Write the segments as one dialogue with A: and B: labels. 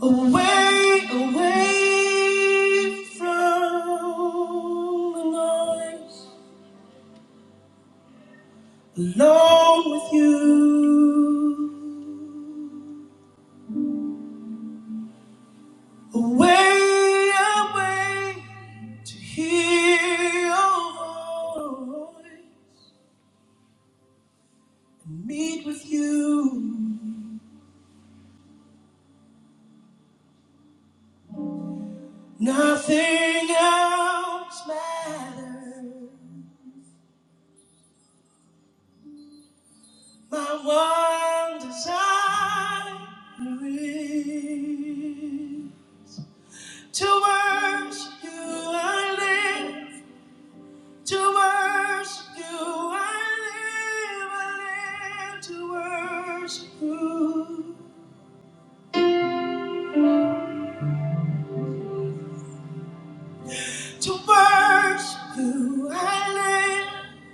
A: Away, away from the noise, alone with you. Away, away to hear your voice, and meet with you. Nothing else matters. My one desire is. To worship you I live. To worship you I live. I live to worship you. To worship you I live.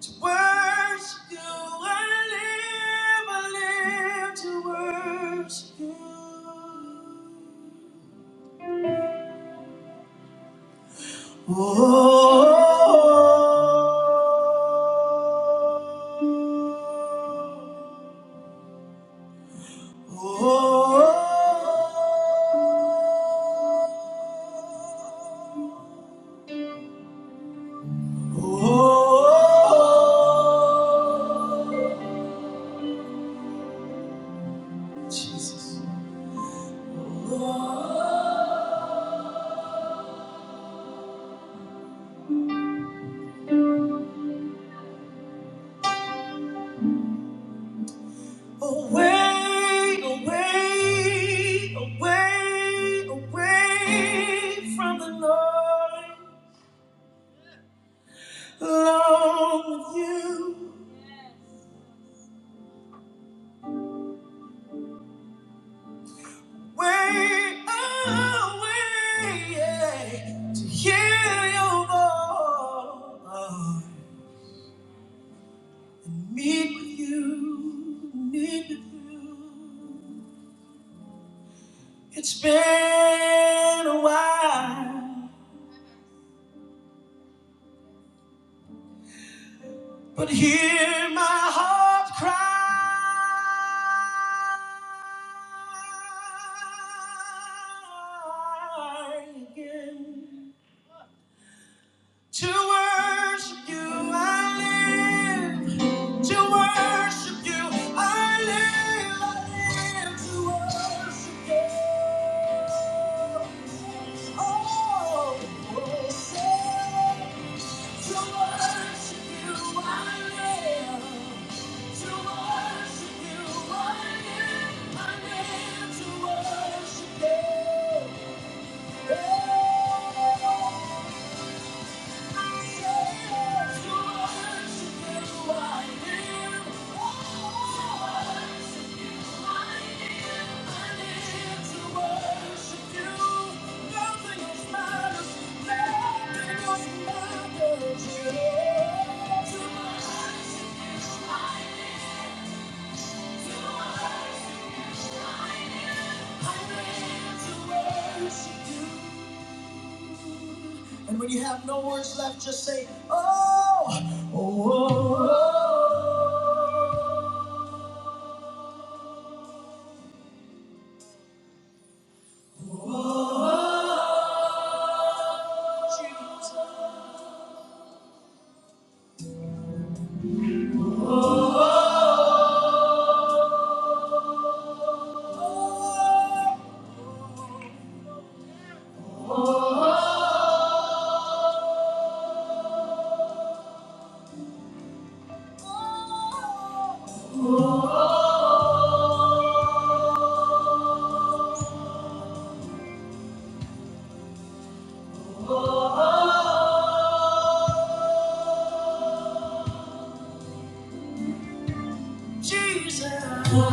A: To worship you I live. I live to worship you. Oh. Oh, oh, oh, Jesus. Oh, Away, away, away, away from the Lord. Alone with you. Way away, yeah, to hear your voice. Meet with you, meet with you. It's been a while, but hear my heart cry again. To worship you, I live. To worship you, I live. I live to worship you. Oh, oh, say, to worship you, I live. To worship you, I live. I live to worship you. Yeah. And when you have no words left, just say, Oh, oh, oh, oh. oh." Oh, Jesus, Jesus,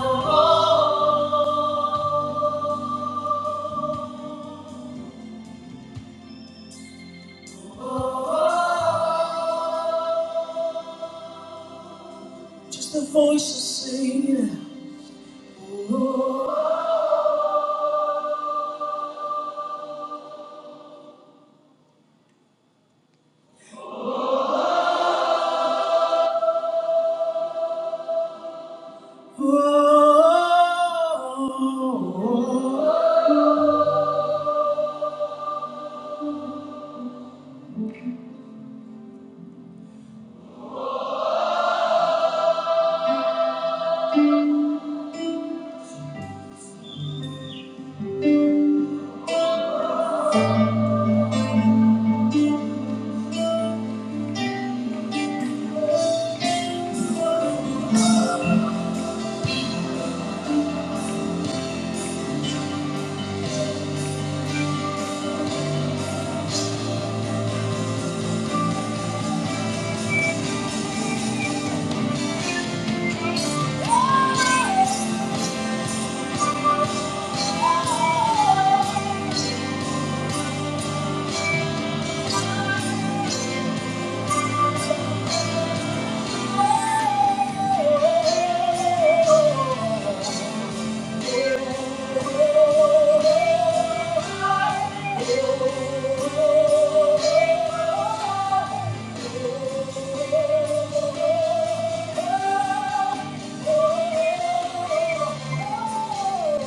A: just the voices singing. Oh, oh, oh, oh.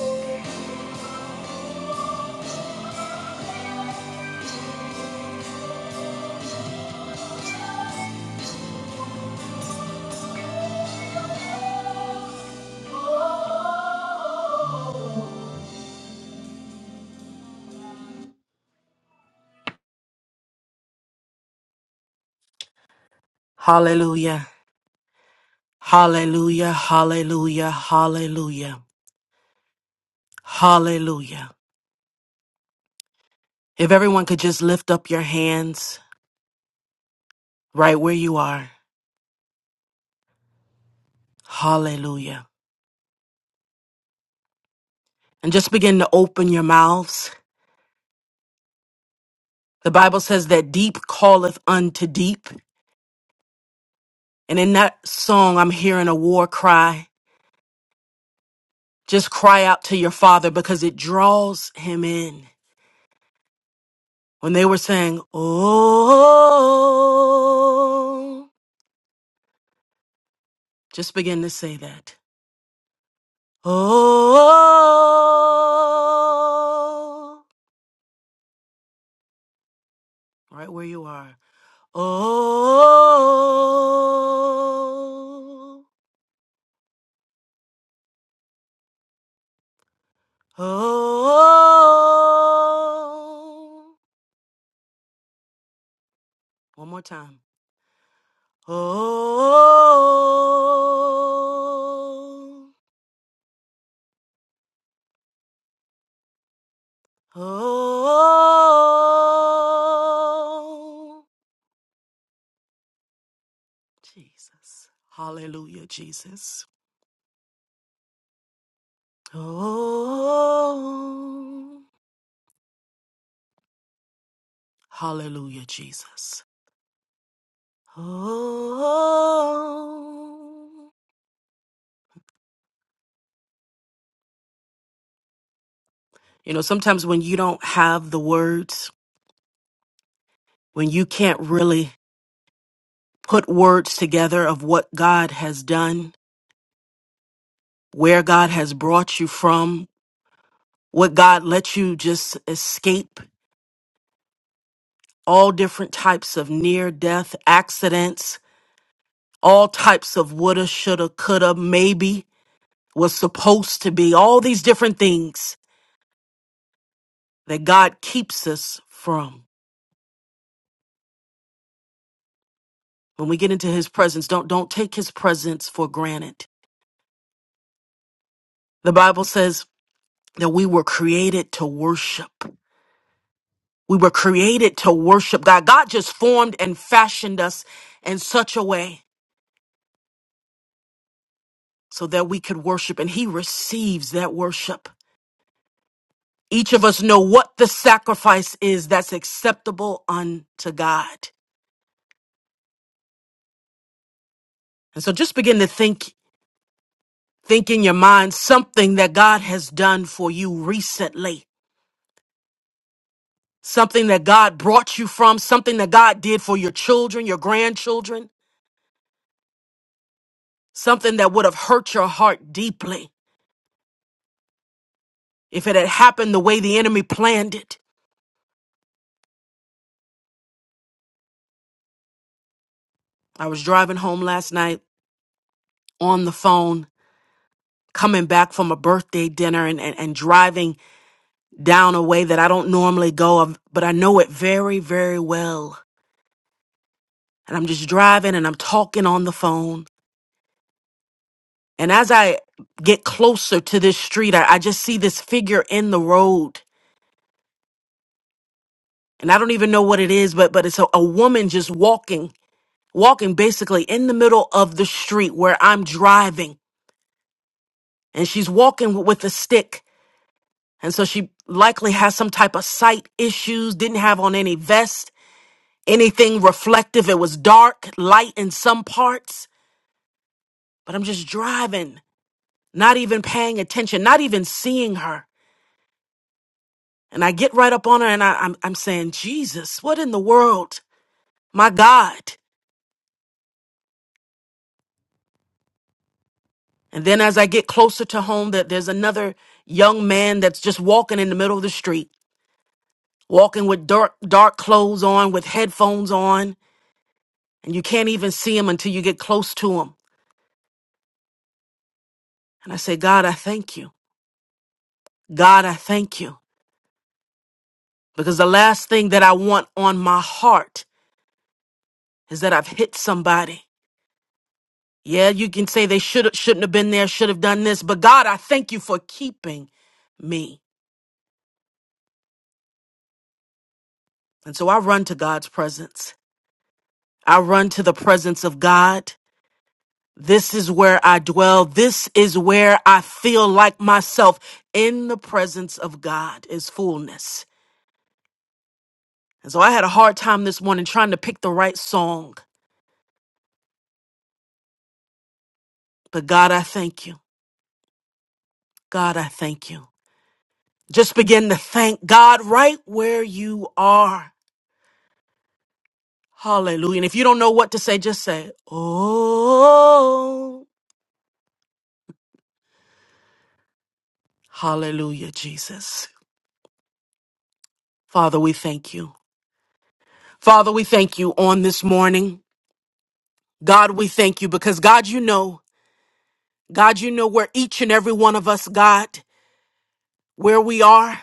A: Oh.
B: Hallelujah. Hallelujah. Hallelujah. Hallelujah. Hallelujah. If everyone could just lift up your hands right where you are. Hallelujah. And just begin to open your mouths. The Bible says that deep calleth unto deep. And in that song, I'm hearing a war cry. Just cry out to your father because it draws him in. When they were saying, Oh, just begin to say that. Oh, right where you are. Oh, oh, one more time. Oh, oh, Jesus. Hallelujah, Jesus. Oh, hallelujah, Jesus. Oh. You know, sometimes when you don't have the words, when you can't really put words together of what God has done, where God has brought you from, what God let you just escape all different types of near death accidents, all types of woulda, shoulda, coulda, maybe was supposed to be, all these different things that God keeps us from. When we get into his presence, don't don't take his presence for granted. The Bible says that we were created to worship. We were created to worship God. God just formed and fashioned us in such a way so that we could worship and he receives that worship. Each of us know what the sacrifice is that's acceptable unto God. And so just begin to think think in your mind something that God has done for you recently something that God brought you from, something that God did for your children, your grandchildren, something that would have hurt your heart deeply if it had happened the way the enemy planned it. I was driving home last night on the phone, coming back from a birthday dinner and, and, and driving down a way that I don't normally go of, but I know it very, very well. And I'm just driving and I'm talking on the phone. And as I get closer to this street, I, I just see this figure in the road and I don't even know what it is, but but it's a, a woman just walking, walking basically in the middle of the street where I'm driving, and she's walking with a stick, and so she likely has some type of sight issues. Didn't have on any vest, anything reflective. It was dark, light in some parts, but I'm just driving, not even paying attention, not even seeing her, and I get right up on her, and I, I'm I'm saying, Jesus, what in the world, my God? And then as I get closer to home, that there's another young man that's just walking in the middle of the street, walking with dark dark clothes on, with headphones on, and you can't even see him until you get close to him. And I say, God, I thank you. God, I thank you. Because the last thing that I want on my heart is that I've hit somebody. Yeah, you can say they should shouldn't have been there, should have done this, but God, I thank you for keeping me. And so I run to God's presence. I run to the presence of God This is where I dwell. This is where I feel like myself. In the presence of God is fullness. And so I had a hard time this morning trying to pick the right song. But God, I thank you. God, I thank you. Just begin to thank God right where you are. Hallelujah. And if you don't know what to say, just say, Oh, hallelujah, Jesus. Father, we thank you. Father, we thank you on this morning. God, we thank you because God, you know. God, you know where each and every one of us, God, where we are,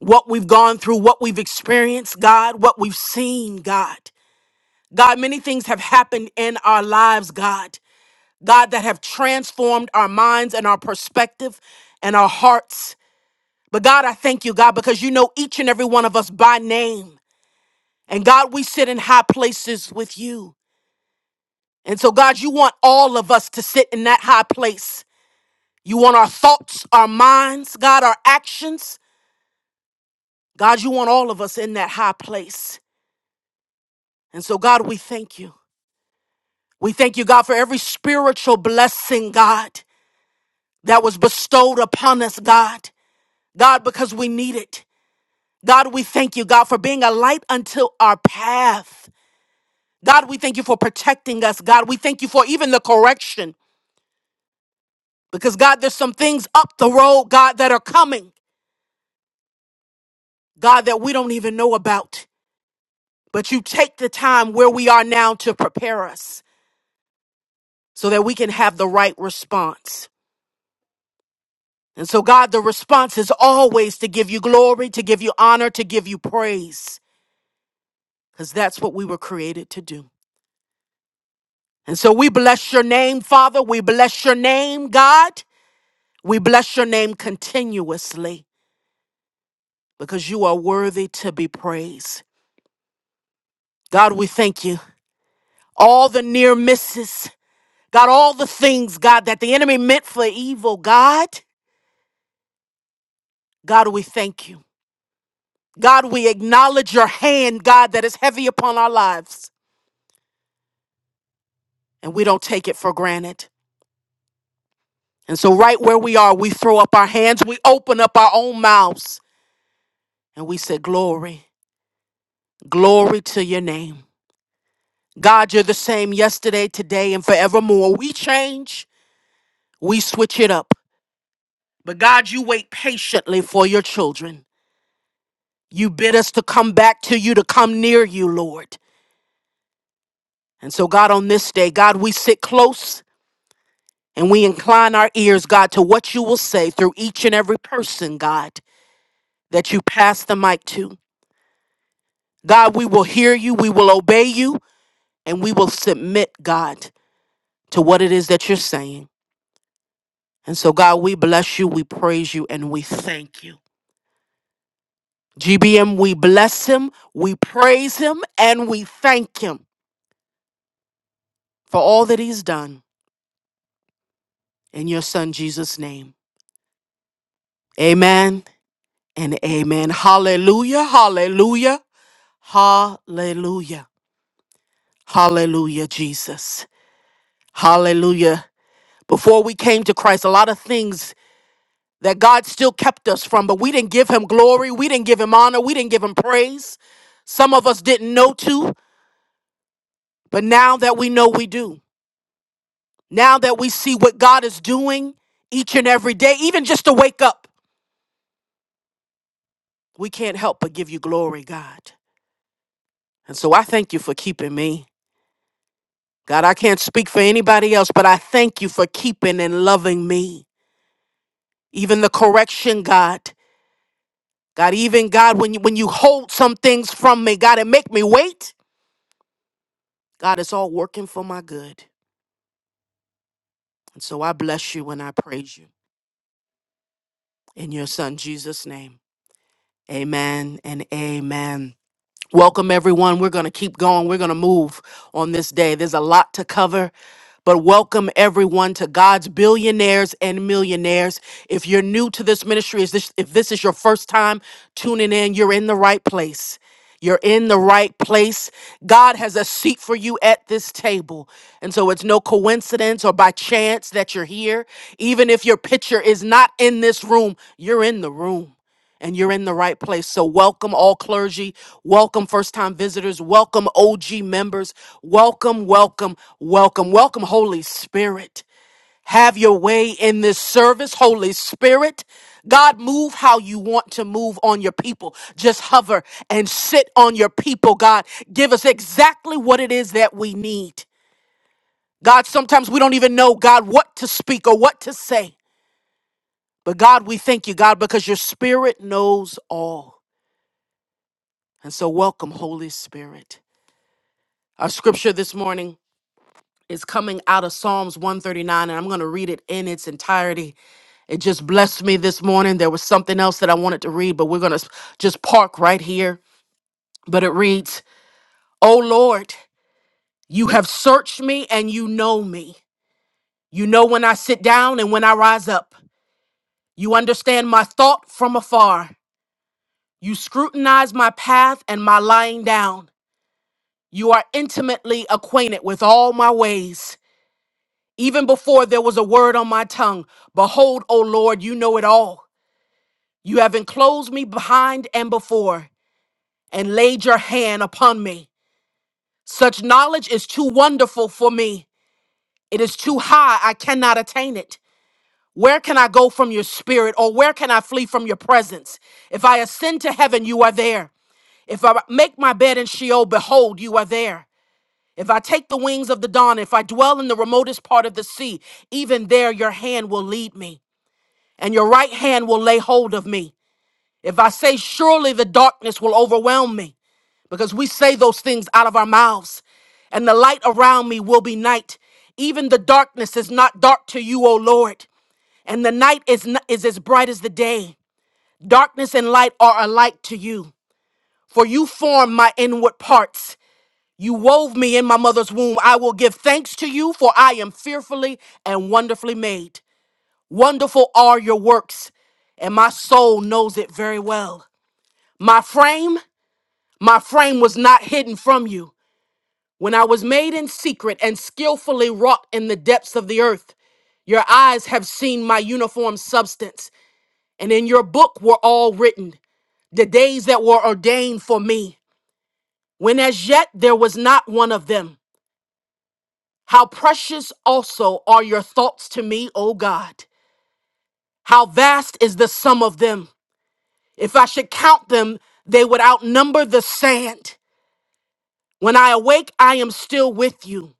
B: what we've gone through, what we've experienced, God, what we've seen, God. God, many things have happened in our lives, God. God, that have transformed our minds and our perspective and our hearts. But God, I thank you, God, because you know each and every one of us by name. And God, we sit in high places with you. And so, God, you want all of us to sit in that high place. You want our thoughts, our minds, God, our actions. God, you want all of us in that high place. And so, God, we thank you. We thank you, God, for every spiritual blessing, God, that was bestowed upon us, God. God, because we need it. God, we thank you, God, for being a light unto our path. God, we thank you for protecting us. God, we thank you for even the correction. Because, God, there's some things up the road, God, that are coming, God, that we don't even know about. But you take the time where we are now to prepare us so that we can have the right response. And so, God, the response is always to give you glory, to give you honor, to give you praise, because that's what we were created to do. And so, we bless your name, Father. We bless your name, God. We bless your name continuously because you are worthy to be praised. God, we thank you. All the near misses, God, all the things, God, that the enemy meant for evil, God, God, we thank you. God, we acknowledge your hand, God, that is heavy upon our lives and we don't take it for granted. And so, right where we are, we throw up our hands, we open up our own mouths, and we say, Glory, glory to your name. God, you're the same yesterday, today, and forevermore. We change, we switch it up. But God, you wait patiently for your children. You bid us to come back to you, to come near you, Lord. And so, God, on this day, God, we sit close and we incline our ears, God, to what you will say through each and every person, God, that you pass the mic to. God, we will hear you, we will obey you, and we will submit, God, to what it is that you're saying. And so, God, we bless you, we praise you, and we thank you. GBM, we bless him, we praise him, and we thank him for all that he's done in your son Jesus' name. Amen and amen. Hallelujah, hallelujah, hallelujah, hallelujah, Jesus. Hallelujah. Before we came to Christ, a lot of things that God still kept us from, but we didn't give him glory, we didn't give him honor, we didn't give him praise. Some of us didn't know to, but now that we know we do, now that we see what God is doing each and every day, even just to wake up, we can't help but give you glory, God. And so I thank you for keeping me. God, I can't speak for anybody else, but I thank you for keeping and loving me. Even the correction, God. God, even God, when you, when you hold some things from me, God, and make me wait. God, it's all working for my good. And so I bless you and I praise you in your son Jesus' name. Amen and amen. Welcome, everyone. We're going to keep going. We're going to move on this day. There's a lot to cover. But welcome everyone to God's billionaires and millionaires. If you're new to this ministry, is this if this is your first time tuning in, you're in the right place. You're in the right place. God has a seat for you at this table. And so it's no coincidence or by chance that you're here. Even if your picture is not in this room, you're in the room and you're in the right place. So, welcome all clergy, welcome first time visitors, welcome OG members, welcome, welcome, welcome, welcome, Holy Spirit. Have your way in this service, Holy Spirit. God, move how you want to move on your people. Just hover and sit on your people, God. Give us exactly what it is that we need. God, sometimes we don't even know, God, what to speak or what to say. But God, we thank you, God, because your spirit knows all. And so, welcome, Holy Spirit. Our scripture this morning is coming out of Psalms 139, and I'm going to read it in its entirety. It just blessed me this morning. There was something else that I wanted to read, but we're going to just park right here. But it reads, "O Lord, you have searched me and you know me. You know when I sit down and when I rise up. You understand my thought from afar. You scrutinize my path and my lying down. You are intimately acquainted with all my ways. Even before there was a word on my tongue, behold, O Lord, you know it all. You have enclosed me behind and before, and laid your hand upon me. Such knowledge is too wonderful for me. It is too high, I cannot attain it. Where can I go from your spirit, or where can I flee from your presence? If I ascend to heaven, you are there. If I make my bed in Sheol, behold, you are there. If I take the wings of the dawn, if I dwell in the remotest part of the sea, even there your hand will lead me. and your right hand will lay hold of me. If I say, surely the darkness will overwhelm me, because we say those things out of our mouths, and the light around me will be night. Even the darkness is not dark to you, O Lord, and the night is, n- is as bright as the day. Darkness and light are alike to you, for you formed my inward parts. You wove me in my mother's womb. I will give thanks to you, for I am fearfully and wonderfully made. Wonderful are your works, and my soul knows it very well. My frame, my frame was not hidden from you. When I was made in secret and skillfully wrought in the depths of the earth, your eyes have seen my uniform substance, and in your book were all written the days that were ordained for me, when as yet there was not one of them. How precious also are your thoughts to me, O God! How vast is the sum of them! If I should count them, they would outnumber the sand. When I awake, I am still with you.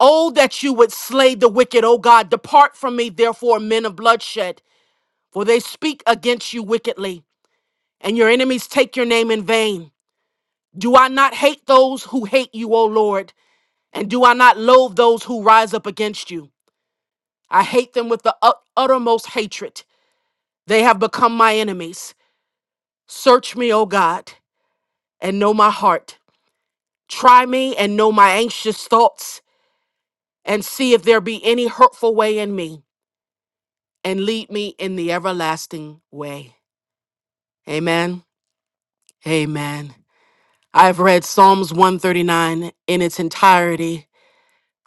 B: Oh, that you would slay the wicked, O God. Depart from me, therefore, men of bloodshed, for they speak against you wickedly, and your enemies take your name in vain. Do I not hate those who hate you, O Lord? And do I not loathe those who rise up against you? I hate them with the ut- uttermost hatred. They have become my enemies. Search me, O God, and know my heart. Try me and know my anxious thoughts, and see if there be any hurtful way in me, and lead me in the everlasting way. Amen. Amen. I have read Psalms 139 in its entirety.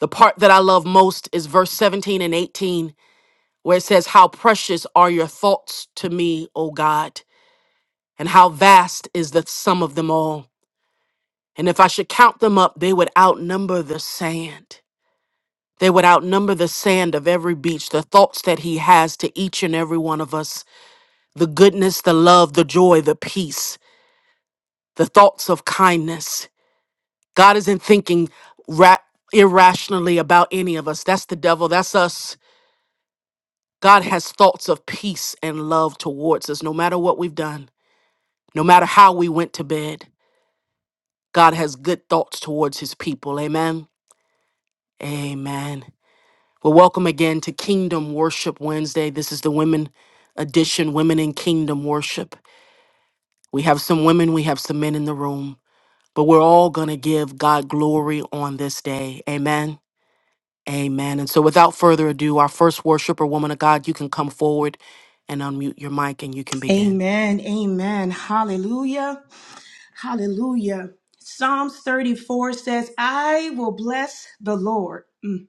B: The part that I love most is verse 17 and 18, where it says, How precious are your thoughts to me, O God, and how vast is the sum of them all. And if I should count them up, they would outnumber the sand. They would outnumber the sand of every beach, the thoughts that He has to each and every one of us, the goodness, the love, the joy, the peace, the thoughts of kindness. God isn't thinking ra- irrationally about any of us. That's the devil, that's us. God has thoughts of peace and love towards us, no matter what we've done, no matter how we went to bed. God has good thoughts towards His people. Amen. Amen. Well, welcome again to Kingdom Worship Wednesday. This is the women edition, Women in Kingdom Worship. We have some women, we have some men in the room, but we're all going to give God glory on this day. Amen. Amen. And so, without further ado, our first worshiper, woman of God, you can come forward and unmute your mic and you can begin.
C: Amen. Amen. Hallelujah. Hallelujah. Psalms 34 says, I will bless the Lord mm,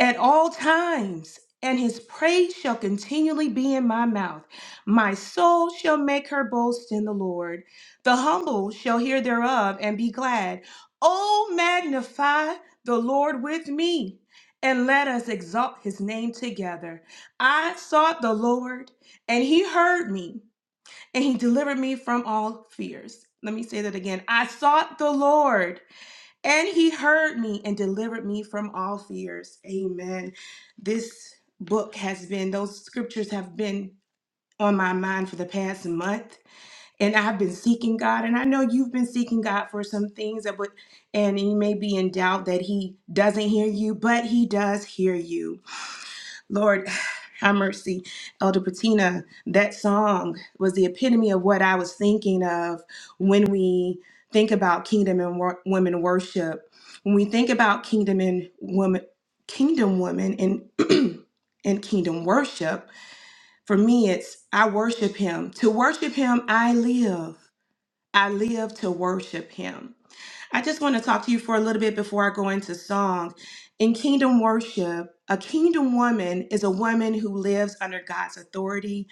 C: at all times, and his praise shall continually be in my mouth. My soul shall make her boast in the Lord. The humble shall hear thereof and be glad. Oh, magnify the Lord with me, and let us exalt his name together. I sought the Lord, and he heard me and he delivered me from all fears. Let me say that again. I sought the Lord, and he heard me and delivered me from all fears. Amen. This book has been, those scriptures have been on my mind for the past month, and I've been seeking God. And I know you've been seeking God for some things that would, and you may be in doubt that he doesn't hear you, but he does hear you. Lord, have mercy, Elder Patina. That song was the epitome of what I was thinking of when we think about kingdom and wor- women worship. When we think about kingdom and woman, kingdom women and and kingdom worship, for me, it's I worship Him. To worship Him, I live. I live to worship him. I just want to talk to you for a little bit before I go into song. In kingdom worship, a kingdom woman is a woman who lives under God's authority.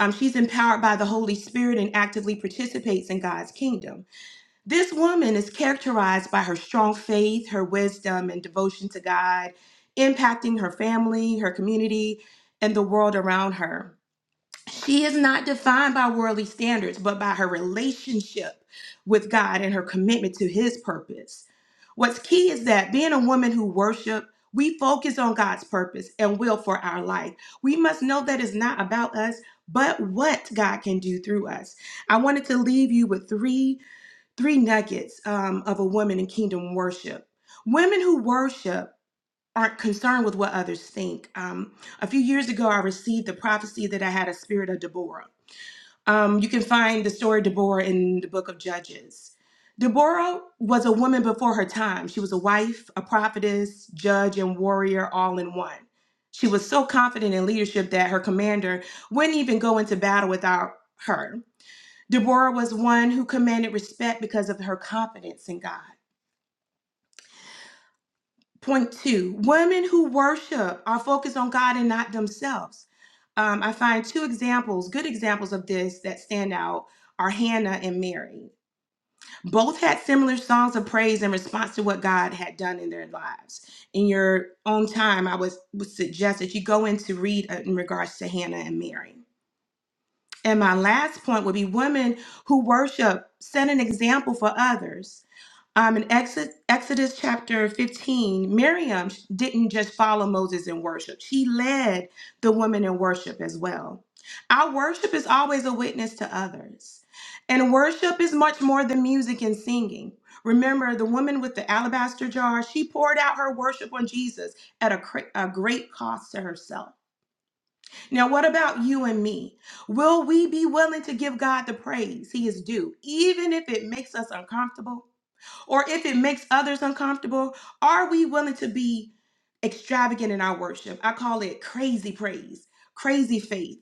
C: Um, she's empowered by the Holy Spirit and actively participates in God's kingdom. This woman is characterized by her strong faith, her wisdom, and devotion to God, impacting her family, her community, and the world around her. She is not defined by worldly standards, but by her relationship with God and her commitment to his purpose. What's key is that being a woman who worship, we focus on God's purpose and will for our life. We must know that it's not about us, but what God can do through us. I wanted to leave you with three three nuggets um, of a woman in kingdom worship. Women who worship aren't concerned with what others think. Um, a few years ago, I received the prophecy that I had a spirit of Deborah. Um, you can find the story of Deborah in the book of Judges. Deborah was a woman before her time. She was a wife, a prophetess, judge, and warrior all in one. She was so confident in leadership that her commander wouldn't even go into battle without her. Deborah was one who commanded respect because of her confidence in God. Point two women who worship are focused on God and not themselves. Um, I find two examples, good examples of this that stand out are Hannah and Mary. both had similar songs of praise in response to what God had done in their lives. In your own time, I was, would suggest that you go in to read uh, in regards to Hannah and Mary. And my last point would be women who worship set an example for others. Um, in Exodus, Exodus chapter 15, Miriam didn't just follow Moses in worship, she led the women in worship as well. Our worship is always a witness to others. And worship is much more than music and singing. Remember, the woman with the alabaster jar, she poured out her worship on Jesus at a, cr- a great cost to herself. Now, what about you and me? Will we be willing to give God the praise he is due, even if it makes us uncomfortable? or if it makes others uncomfortable, are we willing to be extravagant in our worship? I call it crazy praise, crazy faith,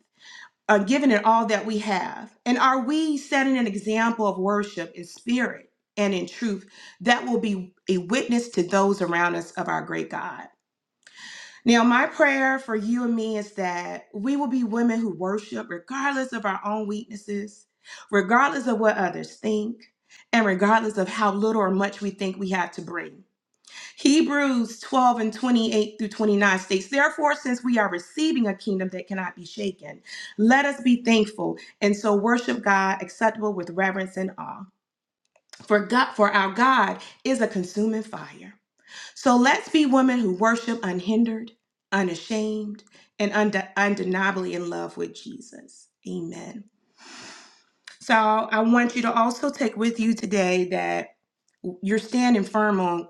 C: uh, giving it all that we have. And are we setting an example of worship in spirit and in truth that will be a witness to those around us of our great God? Now, my prayer for you and me is that we will be women who worship regardless of our own weaknesses, regardless of what others think, and regardless of how little or much we think we have to bring. Hebrews 12 and 28 through 29 states, Therefore, since we are receiving a kingdom that cannot be shaken, let us be thankful and so worship God acceptable with reverence and awe. For God, for our God is a consuming fire. So let's be women who worship unhindered, unashamed, and unde- undeniably in love with Jesus. Amen. So I want you to also take with you today that you're standing firm on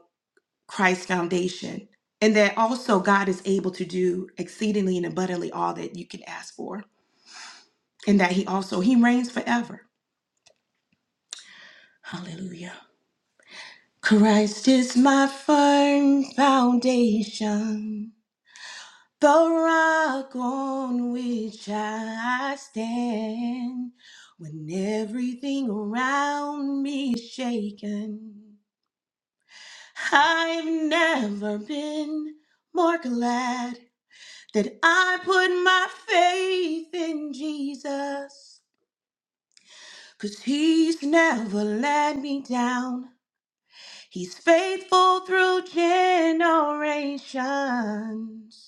C: Christ's foundation and that also God is able to do exceedingly and abundantly all that you can ask for and that he also he reigns forever. Hallelujah. Christ is my firm foundation. The rock on which I stand when everything around me is shaken. I've never been more glad that I put my faith in Jesus. Cause he's never let me down. He's faithful through generations.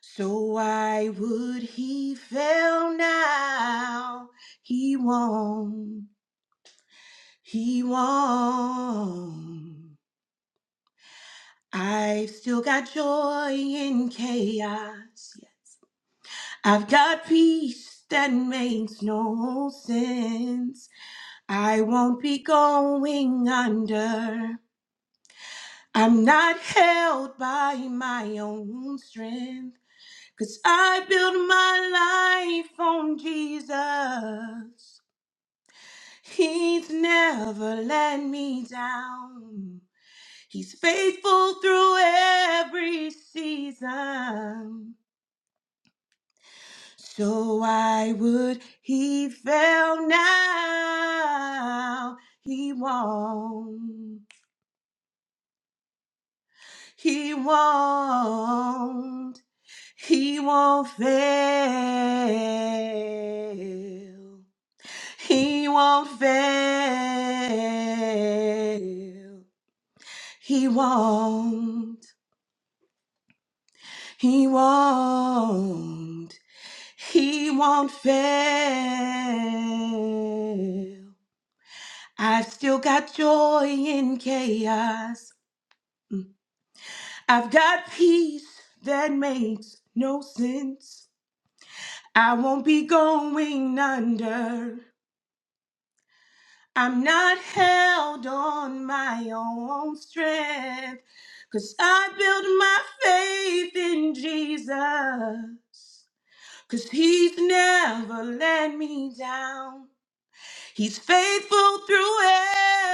C: So why would he fail now? He won't. He won't. I've still got joy in chaos. Yes. I've got peace that makes no sense. I won't be going under. I'm not held by my own strength. Cause I build my life on Jesus. He's never let me down. He's faithful through every season. So why would he fail now? He won't. He won't. He won't fail. He won't fail. He won't. He won't. He won't fail. I've still got joy in chaos. I've got peace that makes no sense. I won't be going under. I'm not held on my own strength, cause I build my faith in Jesus. Cause he's never let me down. He's faithful through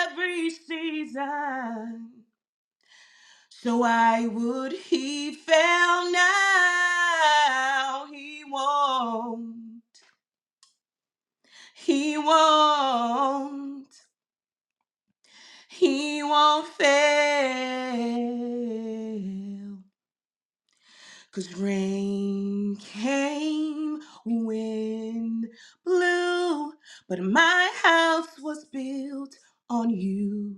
C: every season. So I would he fail now. He won't. He won't. He won't fail. Cause rain came, wind blew, but my house was built on you.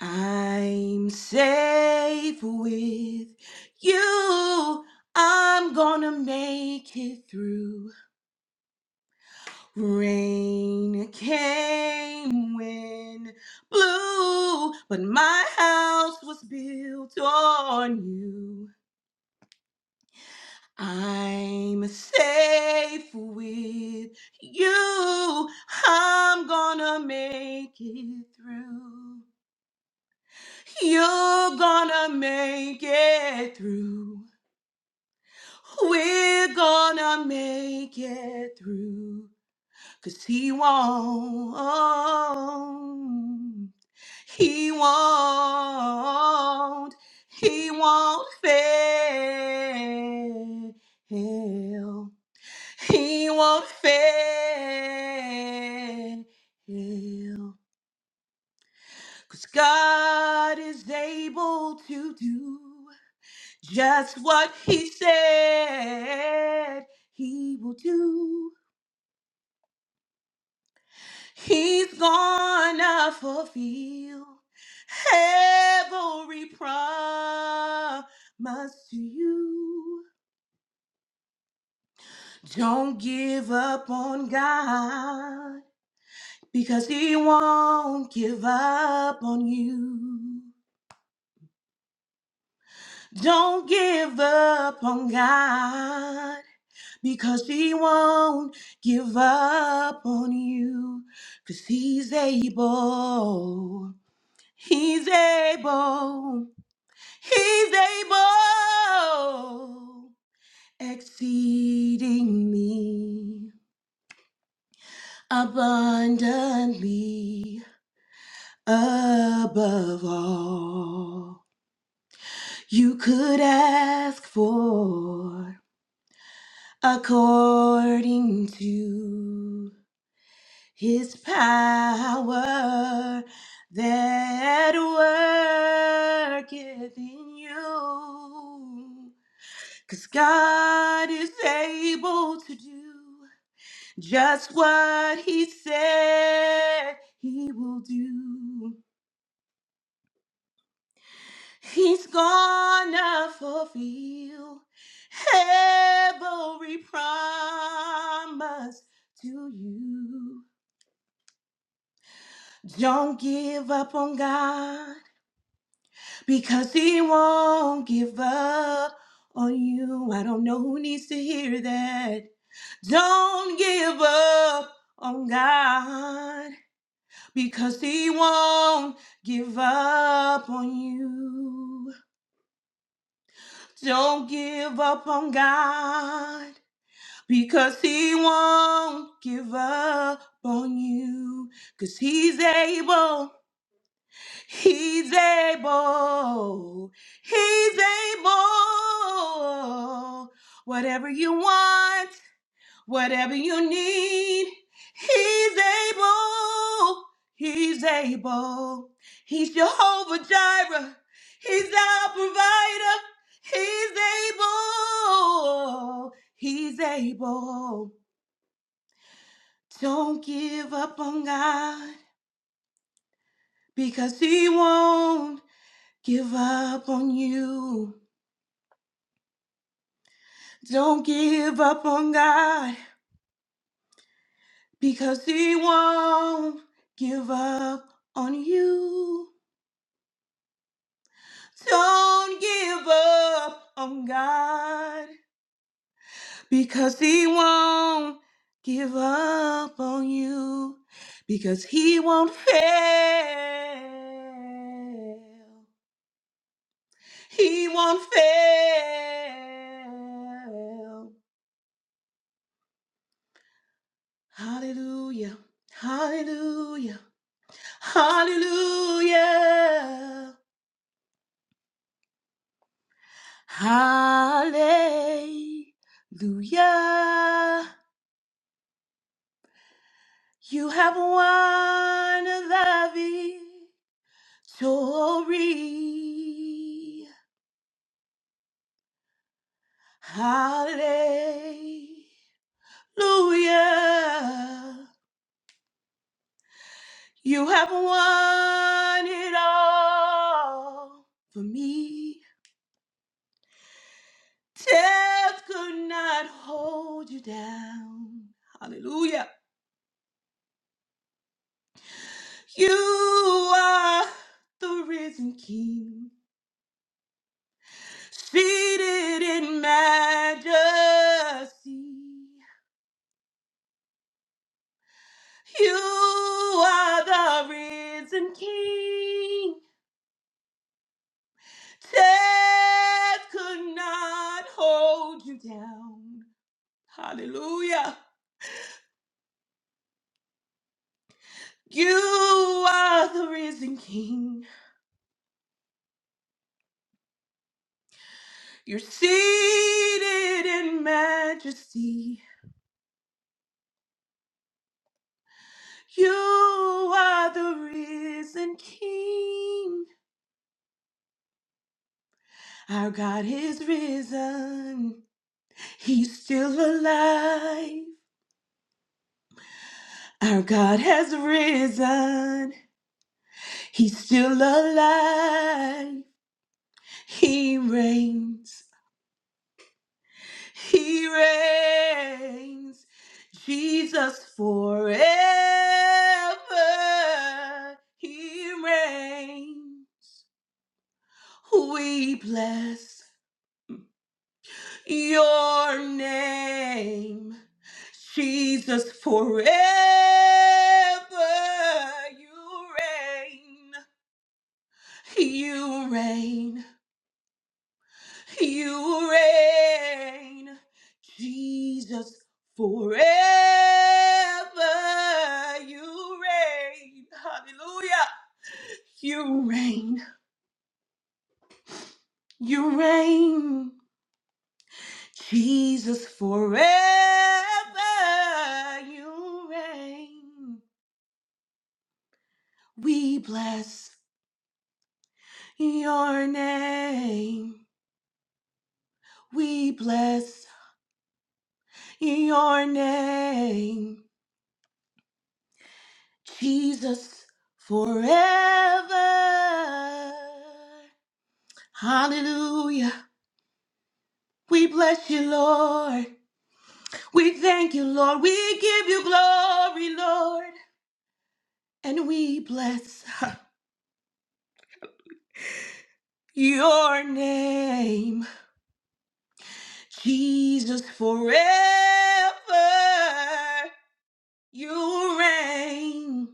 C: I'm safe with you. I'm gonna make it through. Rain came, wind blew, but my house was built on you. I'm safe with you. I'm gonna make it through. You're gonna make it through. We're gonna make it through. Cause he won't. He won't. He won't fail. He won't fail. Cause God is able to do just what He said He will do. He's gonna fulfill every promise to you. Don't give up on God because He won't give up on you. Don't give up on God because He won't give up on you because He's able. He's able. He's able, exceedingly, abundantly, above all you could ask for, according to his power that worketh in you. Cause God is able to do just what He said He will do. He's gonna fulfill every promise to you. Don't give up on God. because he won't give up on you. I don't know who needs to hear that. Don't give up on God because he won't give up on you. Don't give up on God because he won't give up on you because he's able. He's able. He's able. Whatever you want, whatever you need, He's able. He's able. He's Jehovah Jireh. He's our provider. He's able. He's able. Don't give up on God because He won't give up on you. Don't give up on God because He won't give up on you. Don't give up on God because He won't give up on you because He won't fail. He won't fail. Hallelujah. Hallelujah. Hallelujah. Hallelujah. You have won the victory. Hallelujah. You have won it all for me. Death could not hold you down. Hallelujah. You are the risen King, seated in majesty. You are the risen King. Death could not hold you down. Hallelujah. You are the risen King. You're seated in majesty. You are the risen King. Our God is risen. He's still alive. Our God has risen. He's still alive. He reigns. He reigns. Jesus forever. He reigns. We bless. your name, Jesus, forever you reign, you reign, you reign, Jesus, forever you reign, hallelujah, you reign, you reign, Jesus, forever you reign. We bless your name. We bless your name. Jesus forever. Hallelujah. We bless you, Lord. We thank you, Lord. We give you glory, Lord. And we bless your name, Jesus forever. You reign.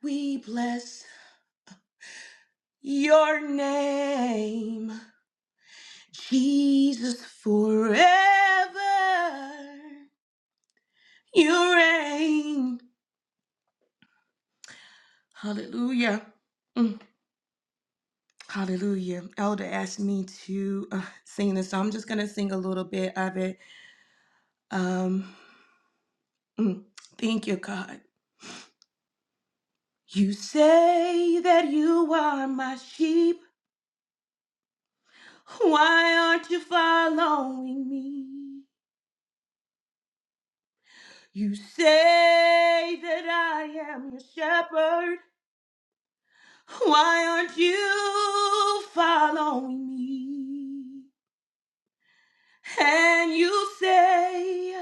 C: We bless your name, Jesus, forever. You reign. Hallelujah. Mm, Hallelujah. Elder asked me to uh, sing this, so I'm just going to sing a little bit of it. Um, mm, thank you, God. You say that you are my sheep. Why aren't you following me? You say that I am your shepherd. Why aren't you following me? And you say,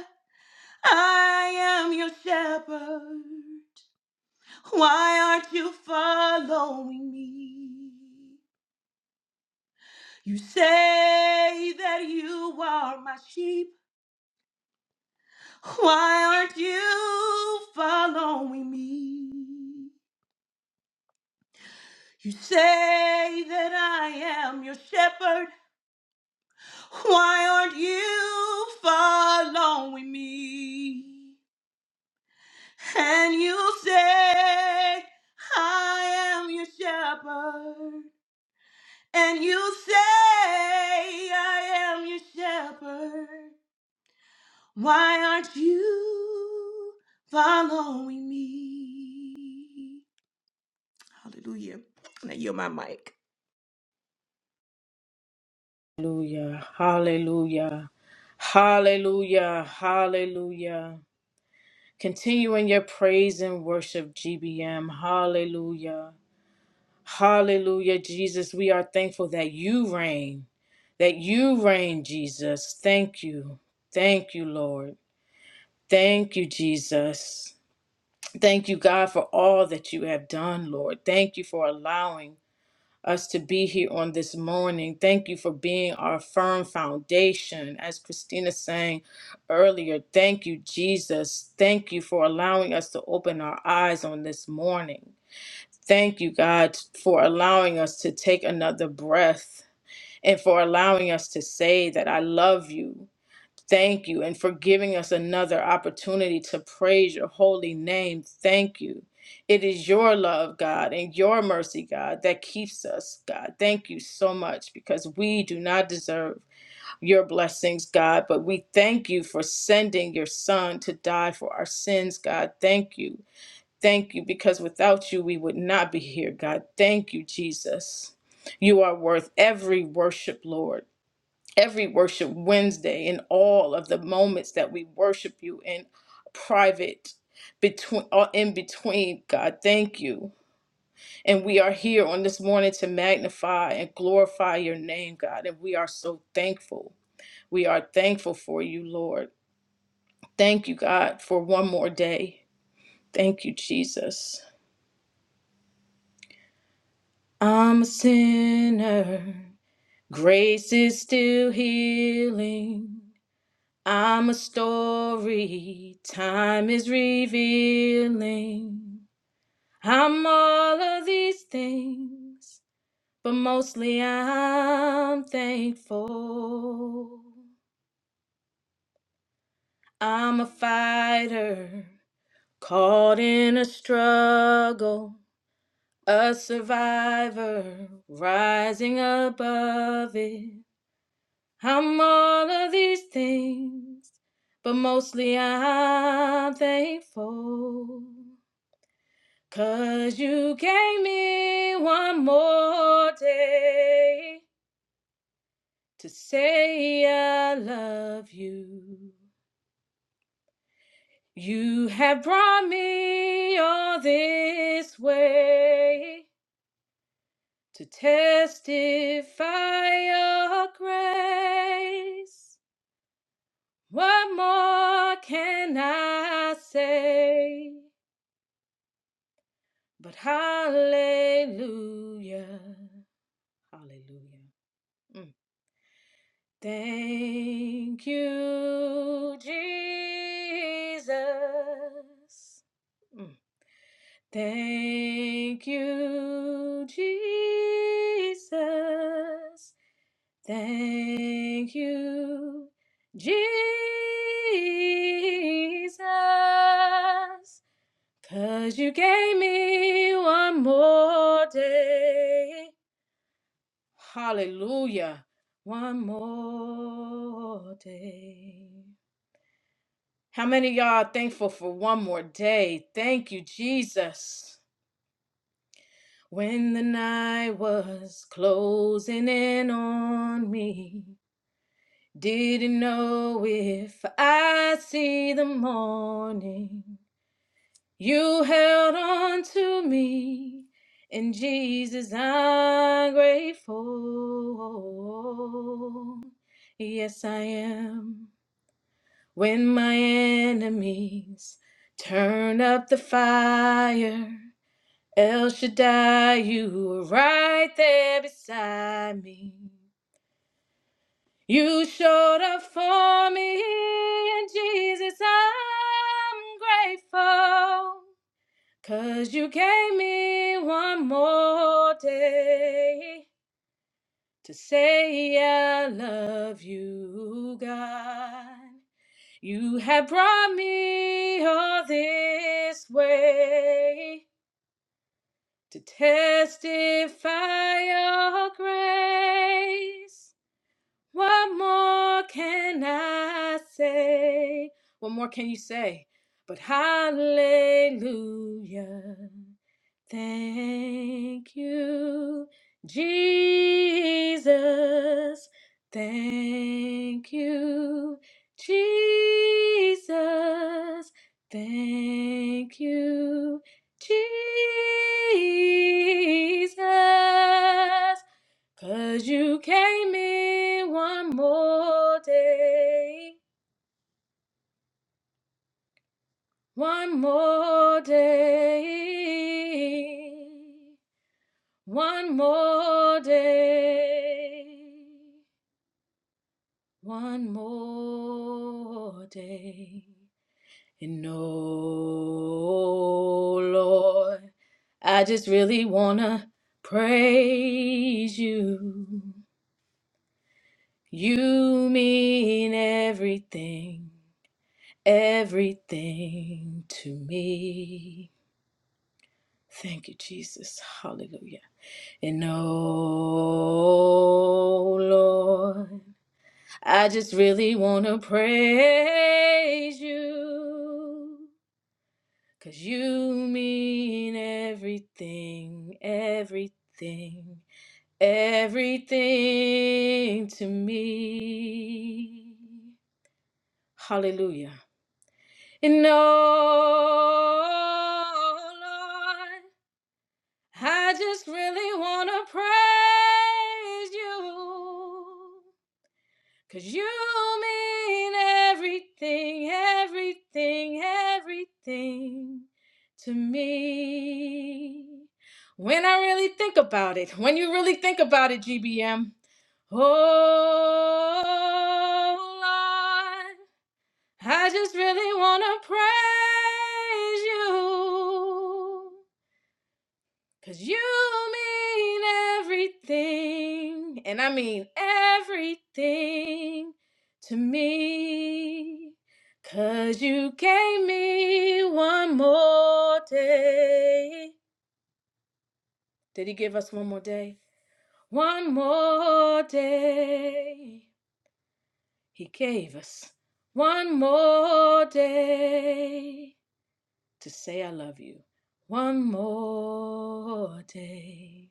C: I am your shepherd. Why aren't you following me? You say that you are my sheep. Why aren't you following me? You say that I am your shepherd. Why aren't you following me? And you say, I am your shepherd. And you say, I am your shepherd. Why aren't you following me? Hallelujah. Now you're my mic.
D: Hallelujah. Hallelujah. Hallelujah. Hallelujah. Continuing your praise and worship, GBM. Hallelujah. Hallelujah, Jesus. We are thankful that you reign, that you reign, Jesus. Thank you. Thank you, Lord. Thank you, Jesus. Thank you, God, for all that you have done, Lord. Thank you for allowing. us to be here on this morning. Thank you for being our firm foundation. As Christina sang earlier, thank you, Jesus. Thank you for allowing us to open our eyes on this morning. Thank you, God, for allowing us to take another breath and for allowing us to say that I love you. Thank you. And for giving us another opportunity to praise your holy name. Thank you. It is your love, God, and your mercy, God, that keeps us, God. Thank you so much because we do not deserve your blessings, God, but we thank you for sending your son to die for our sins, God. Thank you. Thank you because without you, we would not be here, God. Thank you, Jesus. You are worth every worship, Lord every worship Wednesday and all of the moments that we worship you in private between or in between God thank you and we are here on this morning to magnify and glorify your name God and we are so thankful we are thankful for you Lord thank you God for one more day thank you Jesus I'm a sinner grace is still healing I'm a story time is revealing. I'm all of these things, but mostly I'm thankful. I'm a fighter caught in a struggle, a survivor rising above it. I'm all of these things but mostly I'm thankful. Cause you gave me one more day to say I love you. You have brought me all this way to testify your grace. What more can I say but hallelujah? Hallelujah. Mm. Thank you, Jesus. Mm. Thank you, Jesus. Thank you, Jesus. 'Cause you gave me one more day. Hallelujah. One more day. How many of y'all are thankful for one more day? Thank you, Jesus. When the night was closing in on me, didn't know if I would see the morning. You held on to me, and Jesus, I'm grateful. Yes, I am. When my enemies turn up the fire, El Shaddai, you were right there beside me. You showed up for me, and Jesus, I'm grateful. 'cause you gave me one more day to say I love you, God. You have brought me all this way to testify your grace. What more can I say? What more can you say? But hallelujah. Thank you, Jesus. Thank you, Jesus. Thank you, Jesus. 'Cause you came in one more day, one more day. One more day, one more day. And no, Lord, I just really wanna praise you. You mean everything, everything to me. Thank you, Jesus. Hallelujah. And oh Lord. I just really want to praise you 'cause you mean everything, everything, everything to me. Hallelujah. And oh, Lord, I just really want to praise you. Cause you mean everything, everything, everything to me. When I really think about it, when you really think about it, GBM. Oh, Lord, I just really want to praise you. Cause you mean everything, and I mean everything to me. 'Cause you gave me one more day. Did he give us one more day? One more day. He gave us one more day to say I love you. One more day.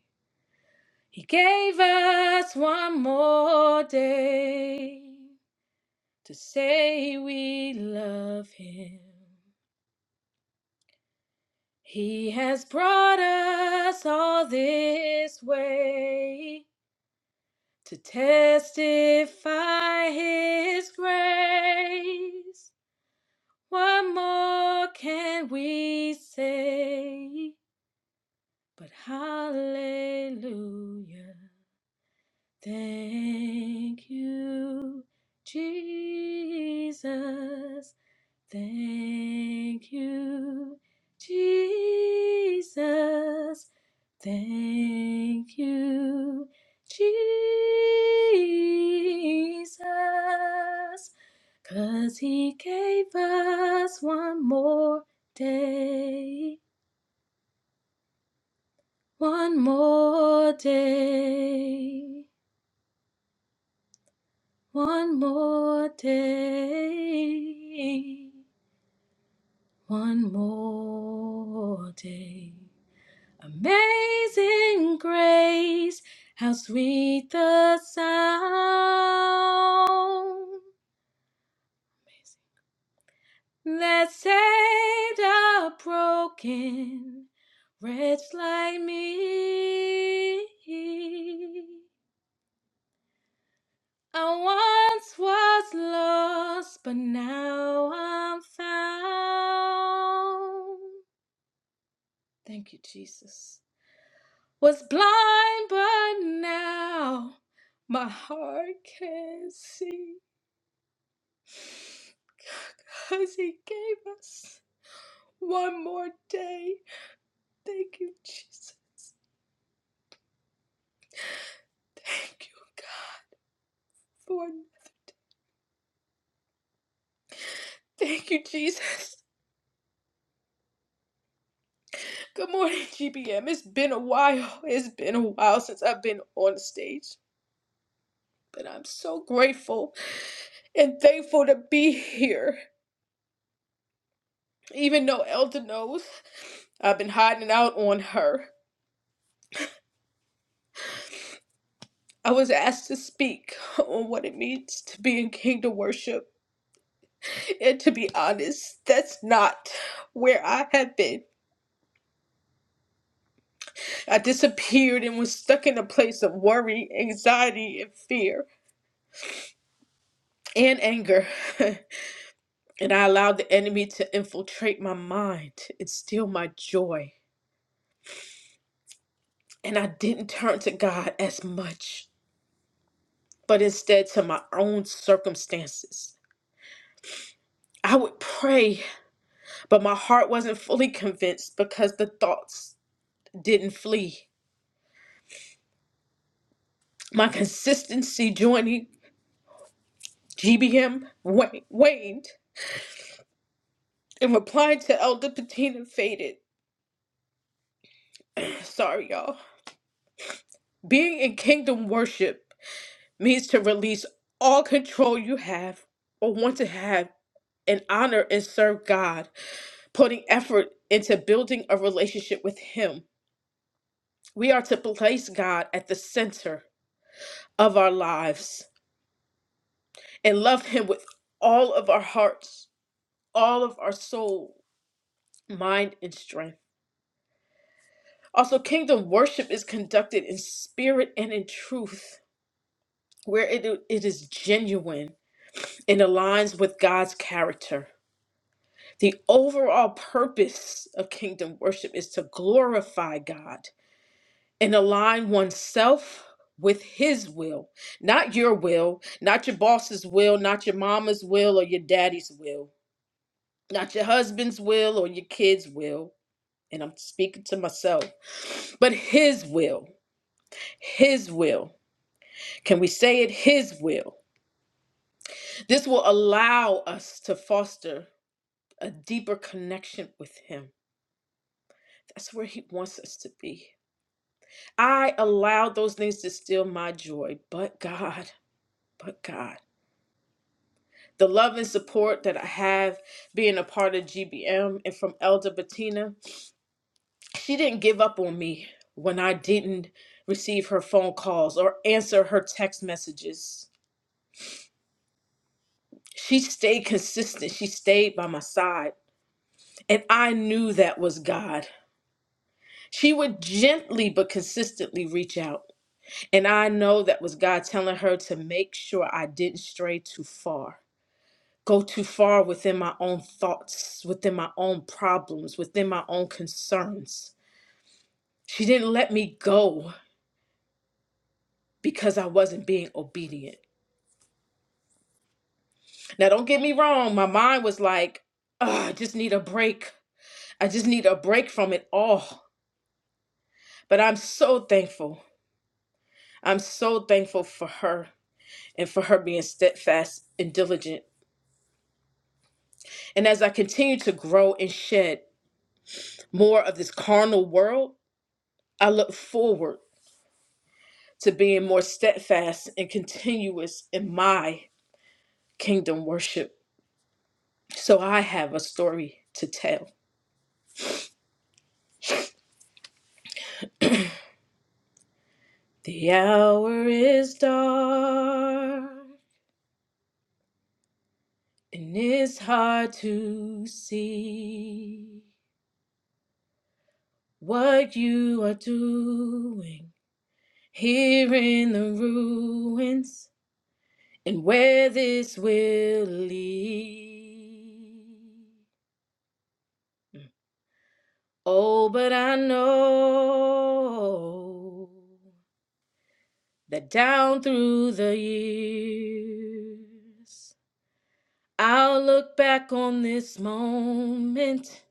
D: He gave us one more day to say we love him. He has brought us all this way to testify his grace. What more can we say but hallelujah? Thank you, Jesus. Thank you, Jesus. Thank you, Jesus. 'Cause he gave us one more day, one more day. One more day, one more day. Amazing grace, how sweet the sound that saved a broken wretch like me. I once was lost, but now I'm found. Thank you, Jesus. Was blind, but now my heart can see. Because He gave us one more day. Thank you, Jesus. Thank you, God, for. Thank you, Jesus. Good morning, GBM. It's been a while. It's been a while since I've been on stage. But I'm so grateful and thankful to be here. Even though Elder knows I've been hiding out on her, I was asked to speak on what it means to be in kingdom worship. And to be honest, that's not where I have been. I disappeared and was stuck in a place of worry, anxiety, and fear and anger. and I allowed the enemy to infiltrate my mind and steal my joy. And I didn't turn to God as much. but instead to my own circumstances. I would pray, but my heart wasn't fully convinced because the thoughts didn't flee. My consistency joining GBM wa- waned, and replying to Elder Patina faded. Sorry, y'all. Being in kingdom worship means to release all control you have or want to have and honor and serve God, putting effort into building a relationship with Him We are to place God at the center of our lives and love Him with all of our hearts, all of our soul, mind, and strength. Also, kingdom worship is conducted in spirit and in truth, where it, it is genuine and aligns with God's character. The overall purpose of kingdom worship is to glorify God and align oneself with his will, not your will, not your boss's will, not your mama's will or your daddy's will, not your husband's will or your kids' will. And I'm speaking to myself, but his will, his will. Can we say it? His will. This will allow us to foster a deeper connection with him. That's where he wants us to be. I allowed those things to steal my joy, but God, but God. the love and support that I have being a part of GBM and from Elder Bettina. She didn't give up on me when I didn't receive her phone calls or answer her text messages. She stayed consistent. She stayed by my side. And I knew that was God. She would gently but consistently reach out. And I know that was God telling her to make sure I didn't stray too far. go too far within my own thoughts, within my own problems, within my own concerns. She didn't let me go because I wasn't being obedient. Now, don't get me wrong, my mind was like, "Ugh, I just need a break. I just need a break from it all. But I'm so thankful. I'm so thankful for her and for her being steadfast and diligent. And as I continue to grow and shed more of this carnal world, I look forward. to being more steadfast and continuous in my kingdom worship. So I have a story to tell. The hour is dark and it's hard to see what you are doing here in the ruins and where this will lead. Oh, but I know that down through the years, I'll look back on this moment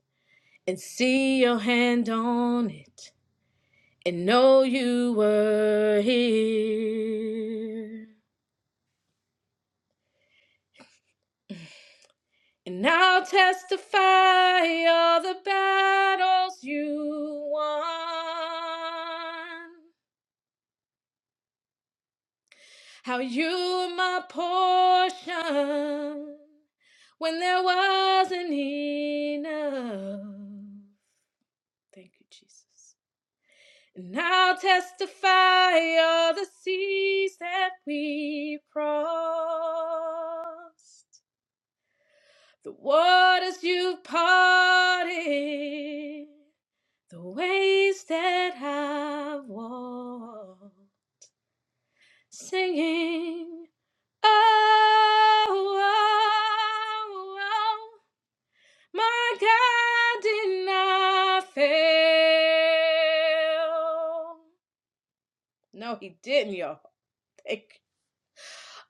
D: and see your hand on it and know you were here. And I'll testify all the battles you won. How you were my portion when there wasn't enough. Thank you, Jesus. And I'll testify all the seas that we crossed, the waters you parted, the ways that I've walked, singing. oh, oh, oh, my God did not fail. No, he didn't, y'all. Thank you.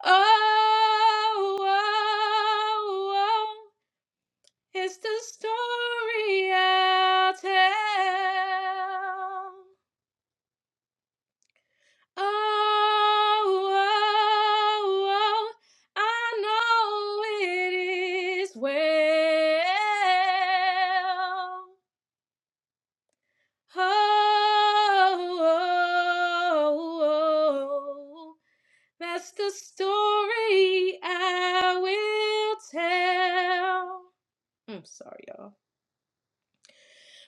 D: Oh, oh, oh, it's the story I'll tell. Oh, oh, oh, I know it is well. Oh, oh, oh, that's the story I will tell. I'm sorry, y'all.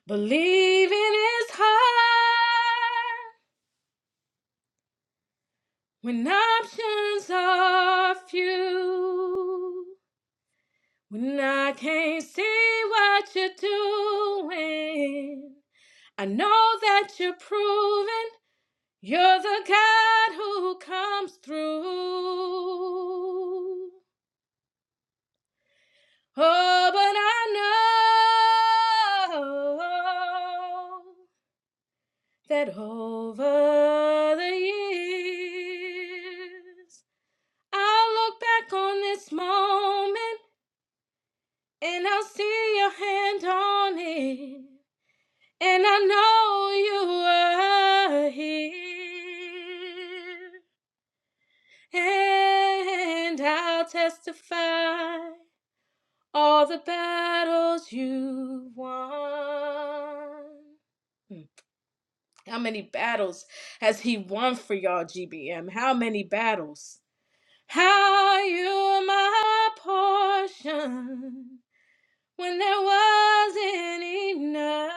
D: Believing is hard when options are few. When I can't see what you're doing, I know that you're proving you're the God who comes through. Oh, but I know that over the years, I'll look back on this moment and I'll see your hand on it. And I know you are here. And I'll testify all the battles you won. Hmm. How many battles has he won for y'all, GBM? How many battles? How you are my portion. when there wasn't enough.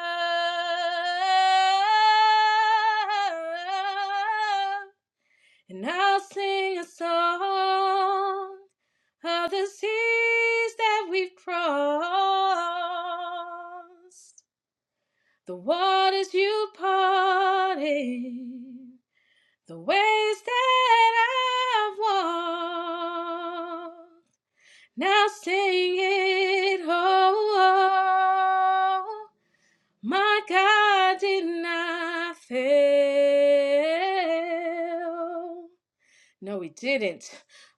D: And I'll sing a song of the seas that we've crossed, the waters you parted, the ways that I've walked. Now sing it, oh, oh, oh. My God did not fail. No, he didn't.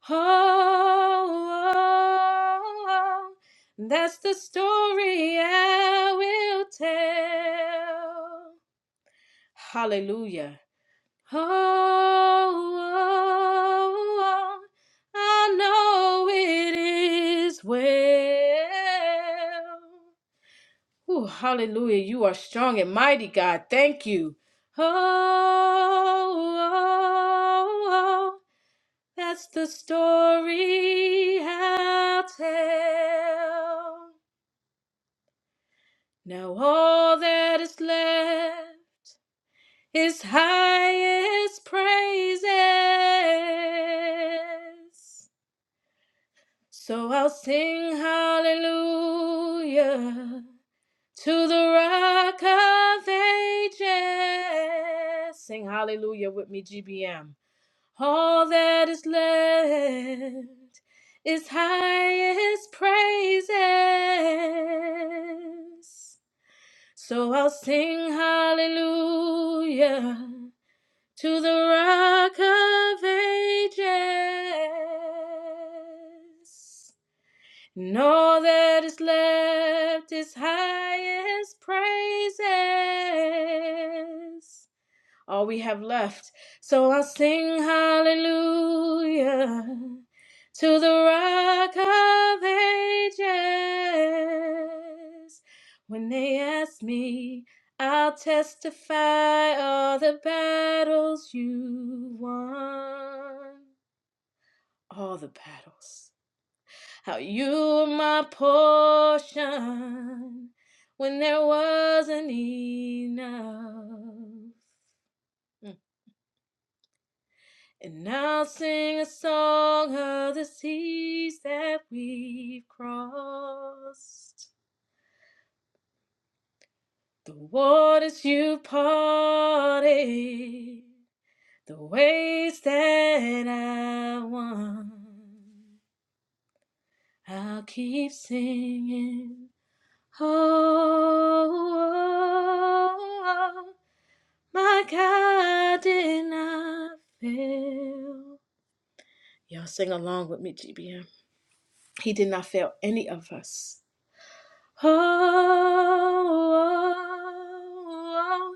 D: Oh, oh, oh, that's the story I will tell. Hallelujah. Oh, oh, oh, I know it is well. Ooh, hallelujah. You are strong and mighty, God. Thank you. Oh, oh, oh, that's the story I'll tell. Now all that is left is highest praises. So I'll sing hallelujah. to the rock of ages. Sing hallelujah with me, GBM. All that is left is highest praises. So I'll sing hallelujah to the rock of ages. And all that is left is highest praises. All we have left. So I'll sing hallelujah to the rock of ages. When they ask me, I'll testify all the battles you won. All the battles. How you were my portion when there wasn't enough. Mm. And I'll sing a song of the seas that we've crossed. The waters you parted, the ways that I won. I'll keep singing oh, oh, oh, my God did not fail. Y'all sing along with me, GBM. He did not fail any of us. Oh, oh, oh, oh,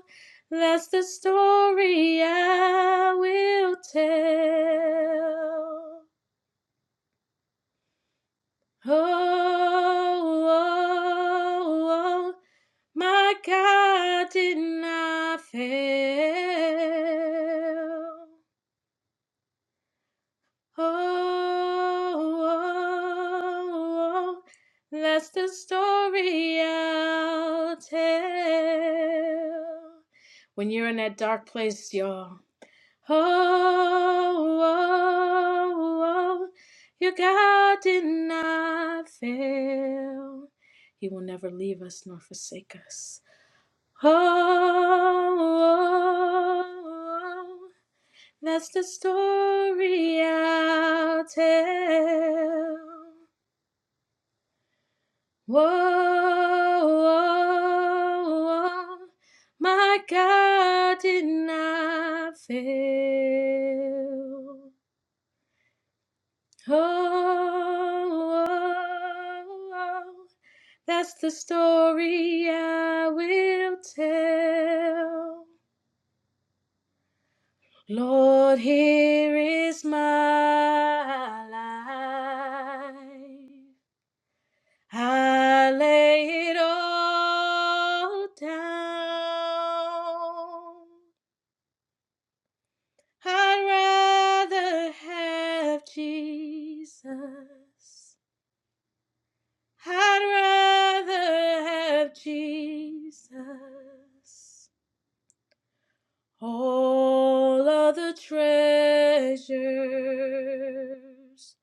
D: that's the story I will tell. Oh, oh, oh, my God did not fail. Oh, oh, oh, oh, that's the story I'll tell. When you're in that dark place, y'all oh, oh, oh, your God did not fail. He will never leave us nor forsake us. Oh, oh, oh, that's the story I'll tell. Whoa, oh, oh, my God did not fail. oh, oh, oh, oh. that's the story I will tell. Lord, here is my life. I lay it all down. I'd rather have Jesus I'd rather have Jesus, all other treasures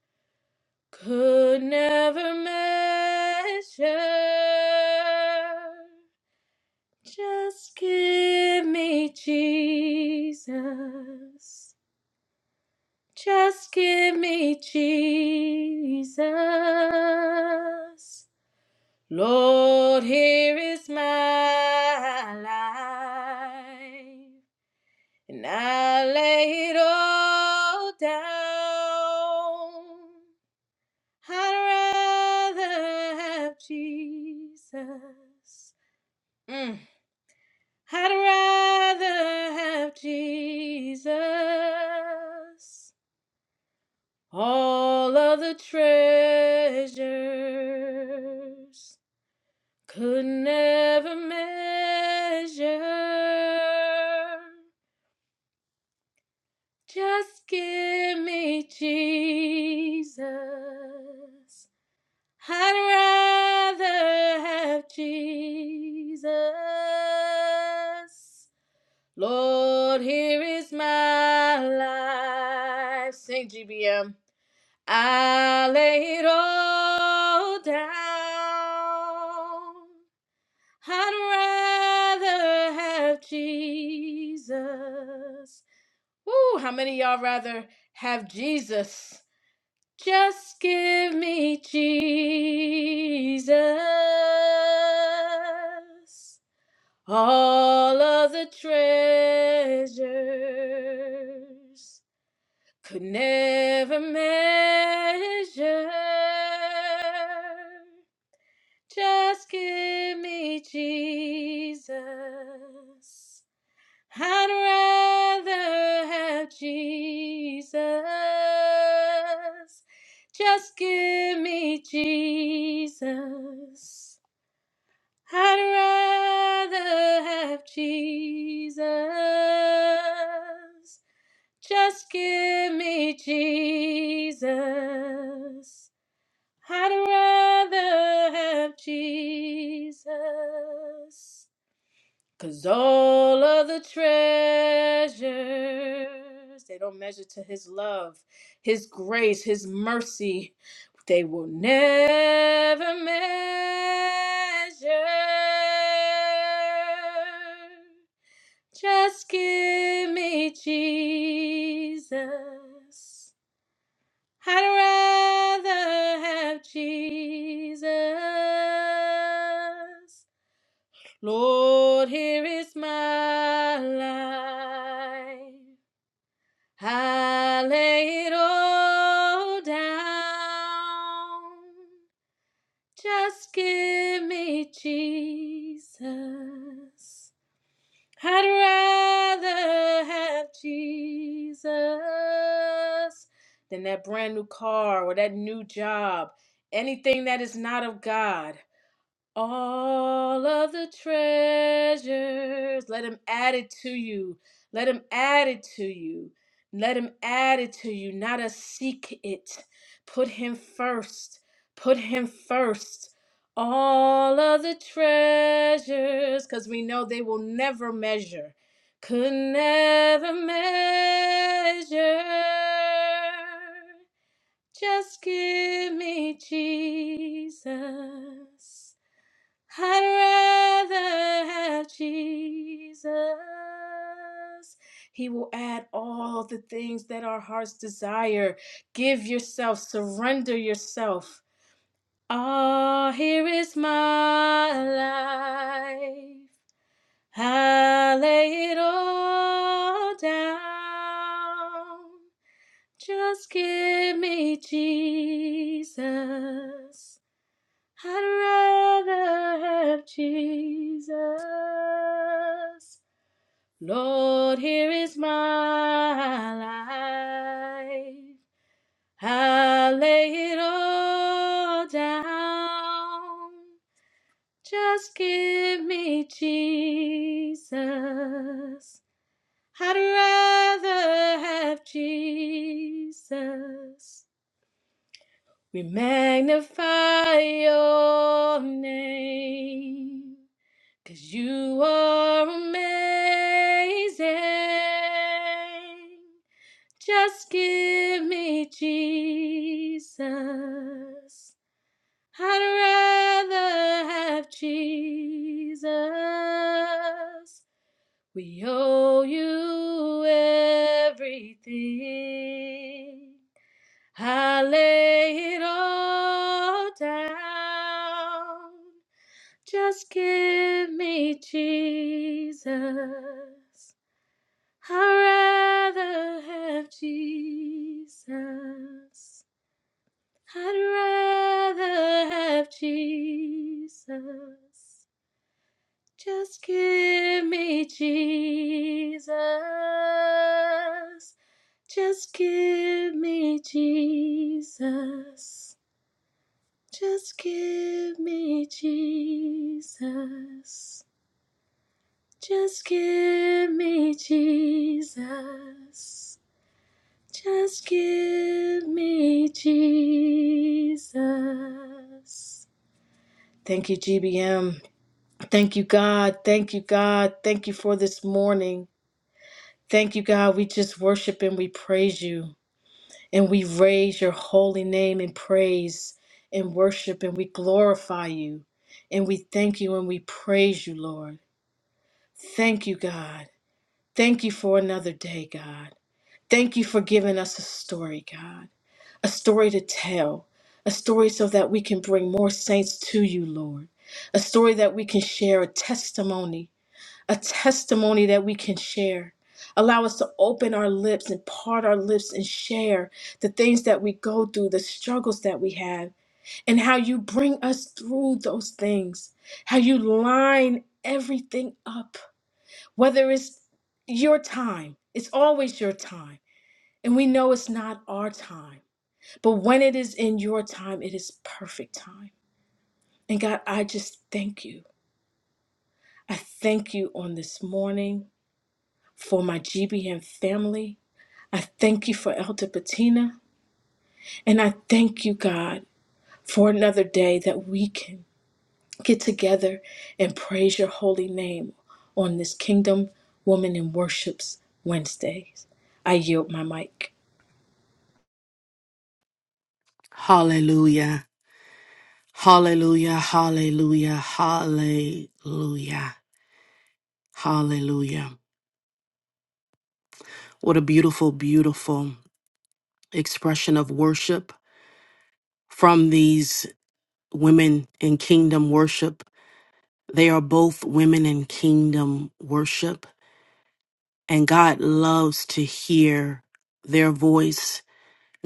D: could never measure. Just give me Jesus, just give me Jesus. Lord, here is my life, and I lay it all down. I'd rather have Jesus. Mm. I'd rather have Jesus. All of the treasures. could never measure. Just give me Jesus. I'd rather have Jesus. Lord, here is my life. Sing GBM. I lay it all down. I'd rather have Jesus. Woo, how many of y'all rather have Jesus? Just give me Jesus. All of the treasures could never measure. Just give me Jesus. I'd rather have Jesus. Just give me Jesus. I'd rather have Jesus. Just give me Jesus. I'd rather have Jesus, 'cause all of the treasures, they don't measure to his love, his grace, his mercy. They will never measure. Just give me Jesus. I'd rather have Jesus. Lord, here is my life. I lay it all down. Just give me Jesus. I'd rather have Jesus than that brand new car or that new job, anything that is not of God all of the treasures. Let him add it to you. Let him add it to you. Let him add it to you, not a seek it. Put him first. Put him first. All of the treasures, because we know they will never measure. Could never measure. Just give me Jesus. I'd rather have Jesus. He will add all the things that our hearts desire. Give yourself, surrender yourself. Ah, oh, here is my life. I lay it all down. Just give me Jesus. I'd rather have Jesus. Lord, here is my life. I lay it all down. Just give me Jesus. I'd rather have Jesus. We magnify your name. Cause you are amazing. Just give me Jesus. I'd rather have Jesus. We owe you everything. I lay it all down. Just give me Jesus. I'd rather have Jesus. I'd rather have Jesus. Just give me Jesus. Just give me Jesus. Just give me Jesus. Just give me Jesus. Just give me Jesus. Thank you, GBM. Thank you, God. Thank you, God. Thank you for this morning. Thank you, God. We just worship and we praise you. And we raise your holy name in praise and worship and we glorify you. And we thank you and we praise you, Lord. Thank you, God. Thank you for another day, God. Thank you for giving us a story, God, a story to tell, a story so that we can bring more saints to you, Lord, a story that we can share, a testimony, a testimony that we can share. Allow us to open our lips and part our lips and share the things that we go through, the struggles that we have, and how you bring us through those things, how you line everything up, whether it's your time, it's always your time and we know it's not our time, but when it is in your time, it is perfect time. And God, I just thank you. I thank you on this morning for my GBM family. I thank you for Elder Patina. And I thank you, God, for another day that we can get together and praise your holy name on this Kingdom Woman in Worships Wednesdays. I yield my mic.
B: Hallelujah. Hallelujah. Hallelujah. Hallelujah. Hallelujah. What a beautiful, beautiful expression of worship from these women in kingdom worship. They are both women in kingdom worship, and God loves to hear their voice.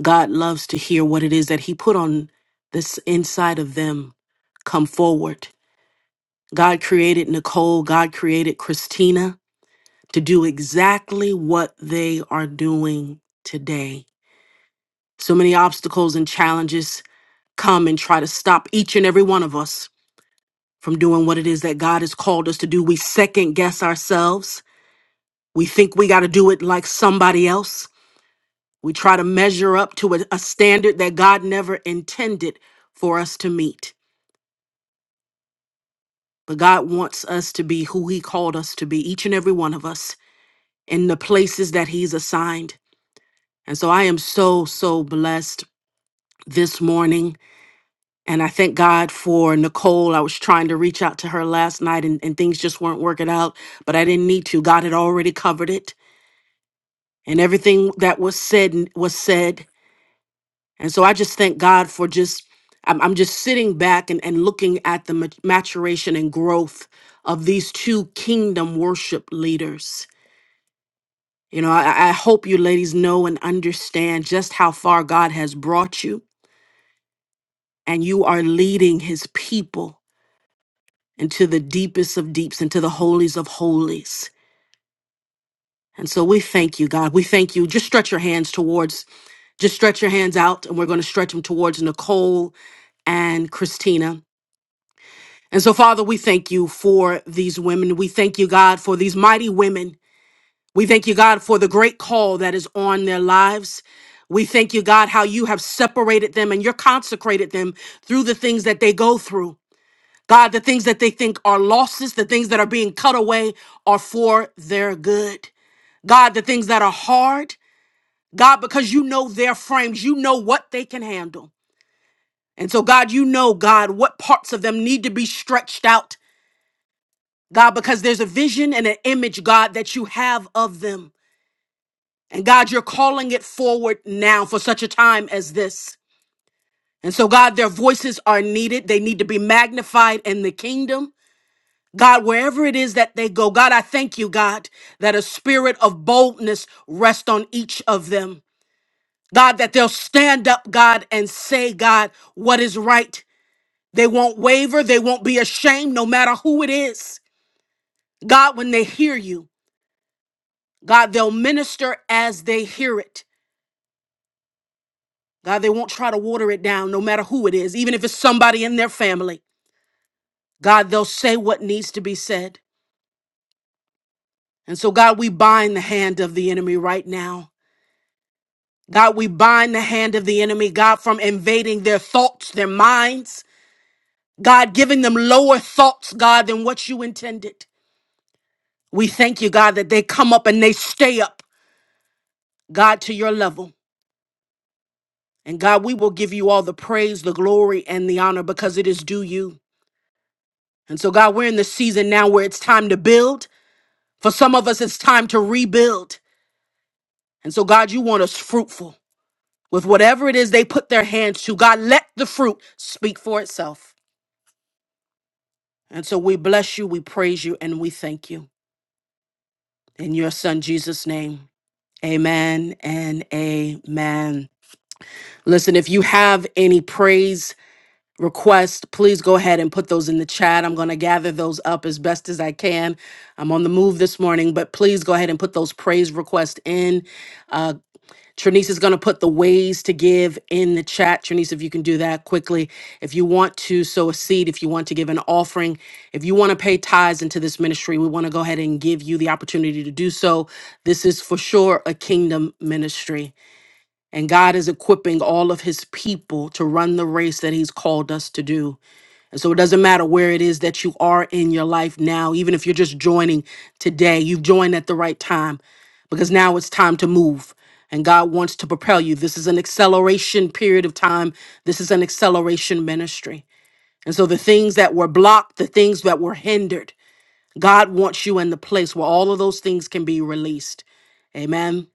B: God loves to hear what it is that He put on this inside of them come forward. God created Nicole, God created Christina to do exactly what they are doing today. So many obstacles and challenges come and try to stop each and every one of us from doing what it is that God has called us to do. We second guess ourselves. We think we got to do it like somebody else. We try to measure up to a, a standard that God never intended for us to meet. But God wants us to be who He called us to be, each and every one of us, in the places that He's assigned. And so I am so, so blessed this morning. And I thank God for Nicole. I was trying to reach out to her last night and, and things just weren't working out, but I didn't need to. God had already covered it. and everything that was said was said. And so I just thank God for just, I'm, I'm just sitting back and, and looking at the mat- maturation and growth of these two kingdom worship leaders. You know, I, I hope you ladies know and understand just how far God has brought you, and you are leading his people into the deepest of deeps, into the holies of holies. And so we thank you, God. We thank you. Just stretch your hands towards, just stretch your hands out, and we're going to stretch them towards Nicole and Christina. And so, Father, we thank you for these women. We thank you, God, for these mighty women. We thank you, God, for the great call that is on their lives. We thank you, God, how you have separated them and you're consecrated them through the things that they go through. God, the things that they think are losses, the things that are being cut away are for their good. God, the things that are hard, God, because you know their frames, you know what they can handle. And so, God, you know, God, what parts of them need to be stretched out God, because there's a vision and an image, God, that you have of them. And God, you're calling it forward now for such a time as this. And so, God, their voices are needed. They need to be magnified in the kingdom. God, wherever it is that they go, God, I thank you, God, that a spirit of boldness rests on each of them. God, that they'll stand up, God, and say, God, what is right. They won't waver. They won't be ashamed, no matter who it is. God, when they hear you. God, they'll minister as they hear it. God, they won't try to water it down, no matter who it is, even if it's somebody in their family. God, they'll say what needs to be said. And so, God, we bind the hand of the enemy right now. God, we bind the hand of the enemy, God, from invading their thoughts, their minds. God, giving them lower thoughts, God, than what you intended. We thank you, God, that they come up and they stay up, God, to your level. And God, we will give you all the praise, the glory, and the honor because it is due you. And so, God, we're in the season now where it's time to build. For some of us, it's time to rebuild. And so, God, you want us fruitful with whatever it is they put their hands to. God, let the fruit speak for itself. And so, we bless you, we praise you, and we thank you. In your son, Jesus' name, amen and amen. Listen, if you have any praise, request, please go ahead and put those in the chat. I'm going to gather those up as best as I can. I'm on the move this morning, but please go ahead and put those praise requests in. Uh, Trinice is going to put the ways to give in the chat. Trinice, if you can do that quickly. If you want to sow a seed, if you want to give an offering, if you want to pay tithes into this ministry, we want to go ahead and give you the opportunity to do so. This is for sure a kingdom ministry. And God is equipping all of his people to run the race that he's called us to do. And so it doesn't matter where it is that you are in your life now, even if you're just joining today, you've joined at the right time because now it's time to move. And God wants to propel you. This is an acceleration period of time. This is an acceleration ministry. And so the things that were blocked, the things that were hindered, God wants you in the place where all of those things can be released. Amen.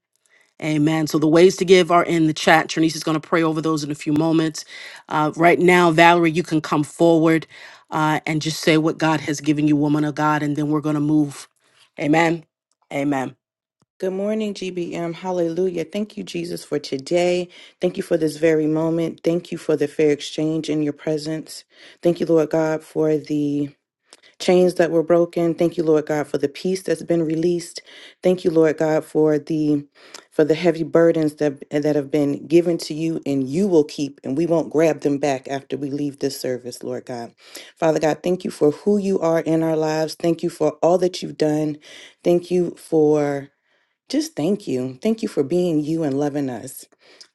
B: Amen. So the ways to give are in the chat. Trinice is going to pray over those in a few moments. Uh, right now, Valerie, you can come forward uh, and just say what God has given you, woman of God, and then we're going to move. Amen. Amen.
E: Good morning, GBM. Hallelujah. Thank you, Jesus, for today. Thank you for this very moment. Thank you for the fair exchange in your presence. Thank you, Lord God, for the chains that were broken. Thank you, Lord God, for the peace that's been released. Thank you, Lord God, for the for the heavy burdens that that have been given to you and you will keep and we won't grab them back after we leave this service, Lord God. Father God, thank you for who you are in our lives. Thank you for all that you've done. Thank you for just thank you. Thank you for being you and loving us.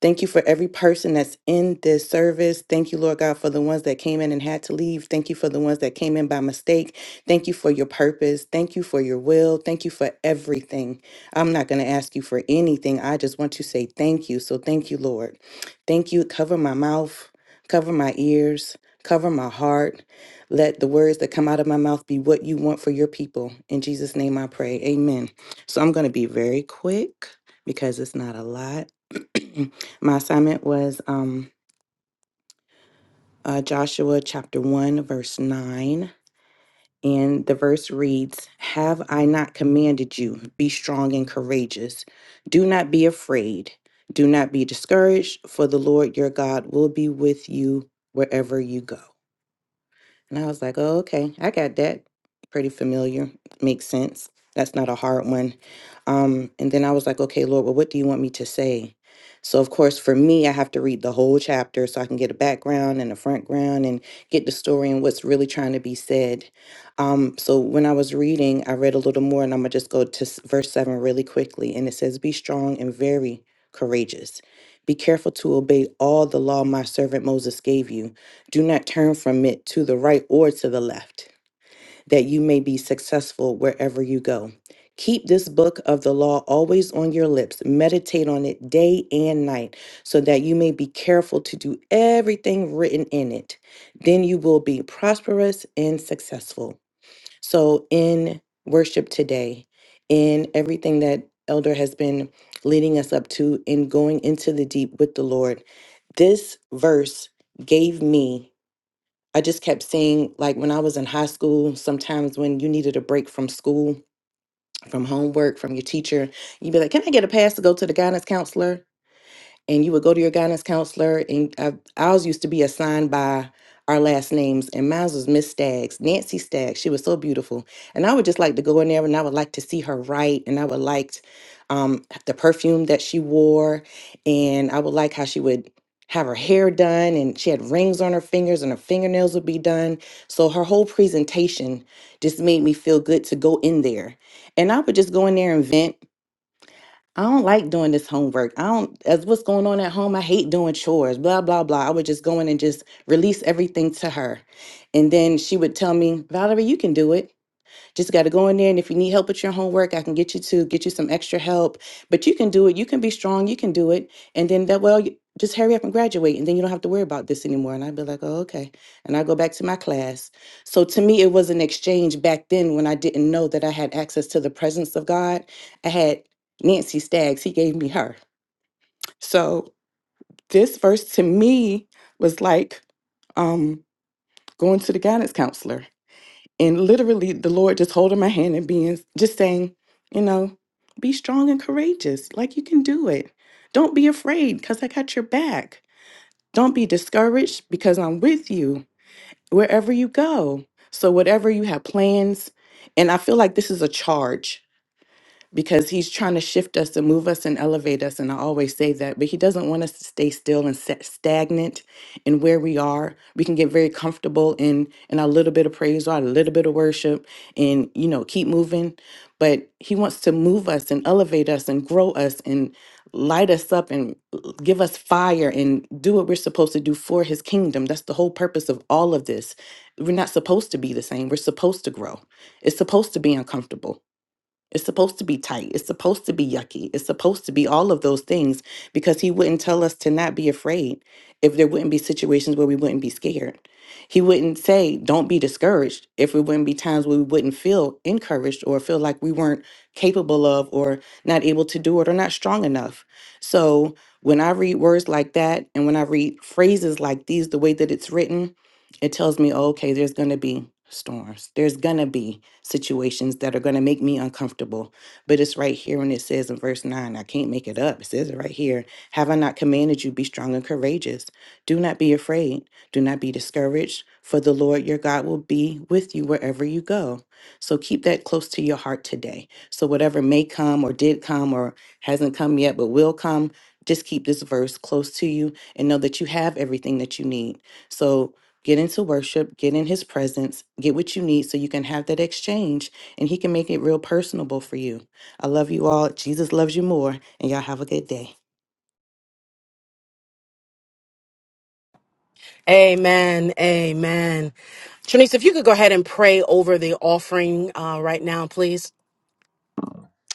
E: Thank you for every person that's in this service. Thank you, Lord God, for the ones that came in and had to leave. Thank you for the ones that came in by mistake. Thank you for your purpose. Thank you for your will. Thank you for everything. I'm not going to ask you for anything. I just want to say thank you. So thank you, Lord. Thank you. Cover my mouth, cover my ears, cover my heart. Let the words that come out of my mouth be what you want for your people. In Jesus' name I pray. Amen. So I'm going to be very quick because it's not a lot. My assignment was um, uh, Joshua chapter 1, verse 9. And the verse reads Have I not commanded you, be strong and courageous? Do not be afraid, do not be discouraged, for the Lord your God will be with you wherever you go. And I was like, oh, okay, I got that. Pretty familiar. Makes sense. That's not a hard one. Um, and then I was like, okay, Lord, well, what do you want me to say? So, of course, for me, I have to read the whole chapter so I can get a background and a front ground and get the story and what's really trying to be said. Um, so, when I was reading, I read a little more and I'm going to just go to s- verse 7 really quickly. And it says, Be strong and very courageous. Be careful to obey all the law my servant Moses gave you. Do not turn from it to the right or to the left, that you may be successful wherever you go. Keep this book of the law always on your lips. Meditate on it day and night, so that you may be careful to do everything written in it. Then you will be prosperous and successful. So, in worship today, in everything that Elder has been leading us up to, in going into the deep with the Lord, this verse gave me I just kept seeing, like when I was in high school, sometimes when you needed a break from school, from homework, from your teacher, you'd be like, Can I get a pass to go to the guidance counselor? and you would go to your guidance counselor. And I, ours used to be assigned by our last names, and mine was Miss Staggs, Nancy Staggs. She was so beautiful, and I would just like to go in there, and I would like to see her write, and I would like um, the perfume that she wore, and I would like how she would have her hair done, and she had rings on her fingers, and her fingernails would be done. So her whole presentation just made me feel good to go in there, and I would just go in there and vent I don't like doing this homework. I don't, as what's going on at home, I hate doing chores, blah, blah, blah. I would just go in and just release everything to her. And then she would tell me, Valerie, you can do it just got to go in there and if you need help with your homework i can get you to get you some extra help but you can do it you can be strong you can do it and then that well you- just hurry up and graduate and then you don't have to worry about this anymore and i'd be like oh okay and i go back to my class so to me it was an exchange back then when i didn't know that i had access to the presence of god i had nancy staggs he gave me her so this verse to me was like um going to the guidance counselor and literally the lord just holding my hand and being just saying you know be strong and courageous like you can do it don't be afraid because i got your back don't be discouraged because i'm with you wherever you go so whatever you have plans and i feel like this is a charge because he's trying to shift us and move us and elevate us. And I always say that, but he doesn't want us to stay still and set stagnant in where we are. We can get very comfortable in in our little bit of praise or our little bit of worship and you know keep moving. But he wants to move us and elevate us and grow us and light us up and give us fire and do what we're supposed to do for his kingdom. That's the whole purpose of all of this. We're not supposed to be the same. We're supposed to grow. It's supposed to be uncomfortable. It's supposed to be tight. It's supposed to be yucky. It's supposed to be all of those things because he wouldn't tell us to not be afraid if there wouldn't be situations where we wouldn't be scared. He wouldn't say, don't be discouraged if it wouldn't be times where we wouldn't feel encouraged or feel like we weren't capable of or not able to do it or not strong enough. So when I read words like that and when I read phrases like these, the way that it's written, it tells me, oh, okay, there's going to be storms. There's going to be situations that are going to make me uncomfortable. But it's right here when it says in verse 9, I can't make it up. It says it right here Have I not commanded you, be strong and courageous? Do not be afraid. Do not be discouraged, for the Lord your God will be with you wherever you go. So keep that close to your heart today. So whatever may come or did come or hasn't come yet but will come, just keep this verse close to you and know that you have everything that you need. So get into worship, get in his presence, get what you need so you can have that exchange and he can make it real personable for you. I love you all. Jesus loves you more. And y'all have a good day.
B: Amen. Amen. Trinice, if you could go ahead and pray over the offering uh, right now, please.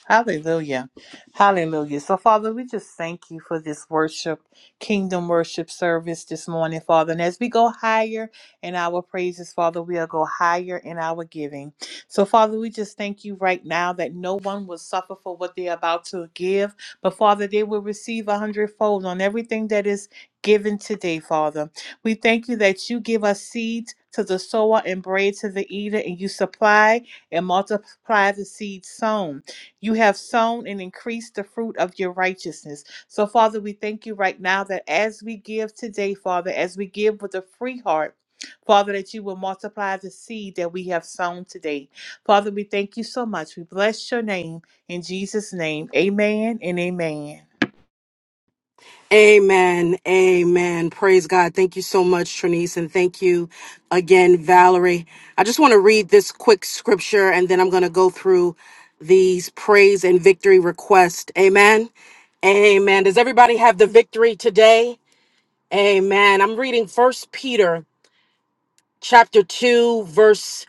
A: Hallelujah. Hallelujah. So, Father, we just thank you for this worship, kingdom worship service this morning, Father. And as we go higher in our praises, Father, we'll go higher in our giving. So, Father, we just thank you right now that no one will suffer for what they're about to give, but, Father, they will receive a hundredfold on everything that is given today, Father. We thank you that you give us seeds to the sower and bread to the eater, and you supply and multiply the seeds sown. You have sown and increased the fruit of your righteousness. So, Father, we thank you right now that as we give today, Father, as we give with a free heart, Father, that you will multiply the seed that we have sown today. Father, we thank you so much. We bless your name in Jesus' name. Amen and amen.
B: Amen. Amen. Praise God. Thank you so much, Trinice. And thank you again, Valerie. I just want to read this quick scripture and then I'm going to go through these praise and victory requests. Amen. Amen. Does everybody have the victory today? Amen. I'm reading First Peter chapter 2, verse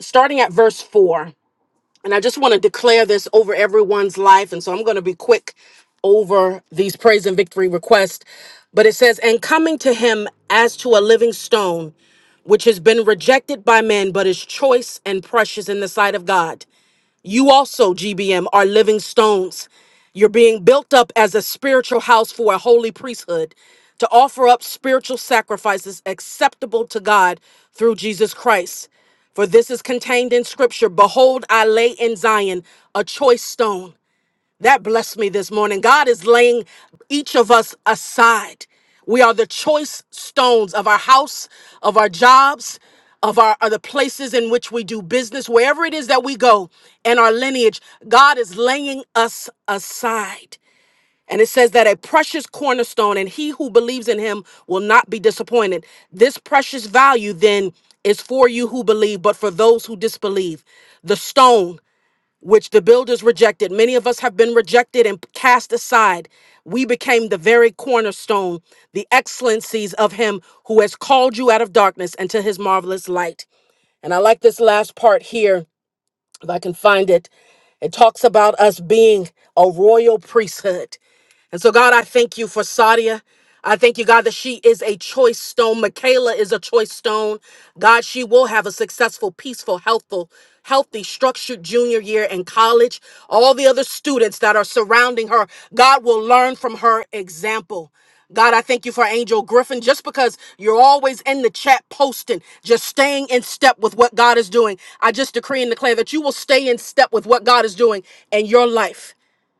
B: starting at verse 4. And I just want to declare this over everyone's life. And so I'm going to be quick over these praise and victory requests. But it says, And coming to him as to a living stone, which has been rejected by men, but is choice and precious in the sight of God. You also, GBM, are living stones. You're being built up as a spiritual house for a holy priesthood to offer up spiritual sacrifices acceptable to God through Jesus Christ. For this is contained in Scripture Behold, I lay in Zion a choice stone that blessed me this morning. God is laying each of us aside. We are the choice stones of our house, of our jobs, of our of the places in which we do business, wherever it is that we go, and our lineage. God is laying us aside. And it says that a precious cornerstone, and he who believes in him will not be disappointed. This precious value then is for you who believe, but for those who disbelieve. The stone which the builders rejected. Many of us have been rejected and cast aside. We became the very cornerstone, the excellencies of Him who has called you out of darkness into His marvelous light. And I like this last part here, if I can find it. It talks about us being a royal priesthood. And so, God, I thank you for Sadia. I thank you, God, that she is a choice stone. Michaela is a choice stone. God, she will have a successful, peaceful, healthful, healthy, structured junior year in college. All the other students that are surrounding her, God will learn from her example. God, I thank you for Angel Griffin. Just because you're always in the chat posting, just staying in step with what God is doing, I just decree and declare that you will stay in step with what God is doing in your life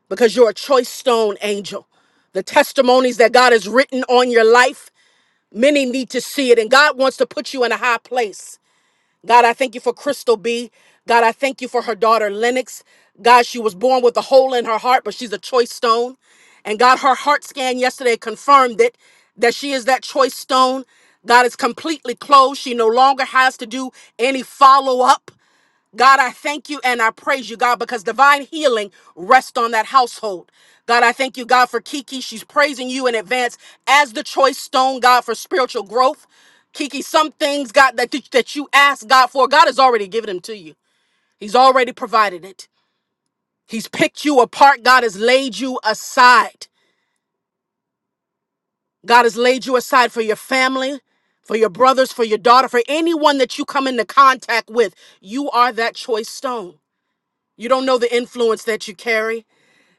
B: because you're a choice stone angel. The testimonies that God has written on your life, many need to see it. And God wants to put you in a high place. God, I thank you for Crystal B. God, I thank you for her daughter Lennox. God, she was born with a hole in her heart, but she's a choice stone. And God, her heart scan yesterday confirmed it that she is that choice stone. God is completely closed. She no longer has to do any follow up. God, I thank you and I praise you, God, because divine healing rests on that household. God, I thank you, God, for Kiki. She's praising you in advance as the choice stone, God, for spiritual growth. Kiki, some things, God, that, that you ask God for, God has already given them to you. He's already provided it. He's picked you apart. God has laid you aside. God has laid you aside for your family, for your brothers, for your daughter, for anyone that you come into contact with. You are that choice stone. You don't know the influence that you carry.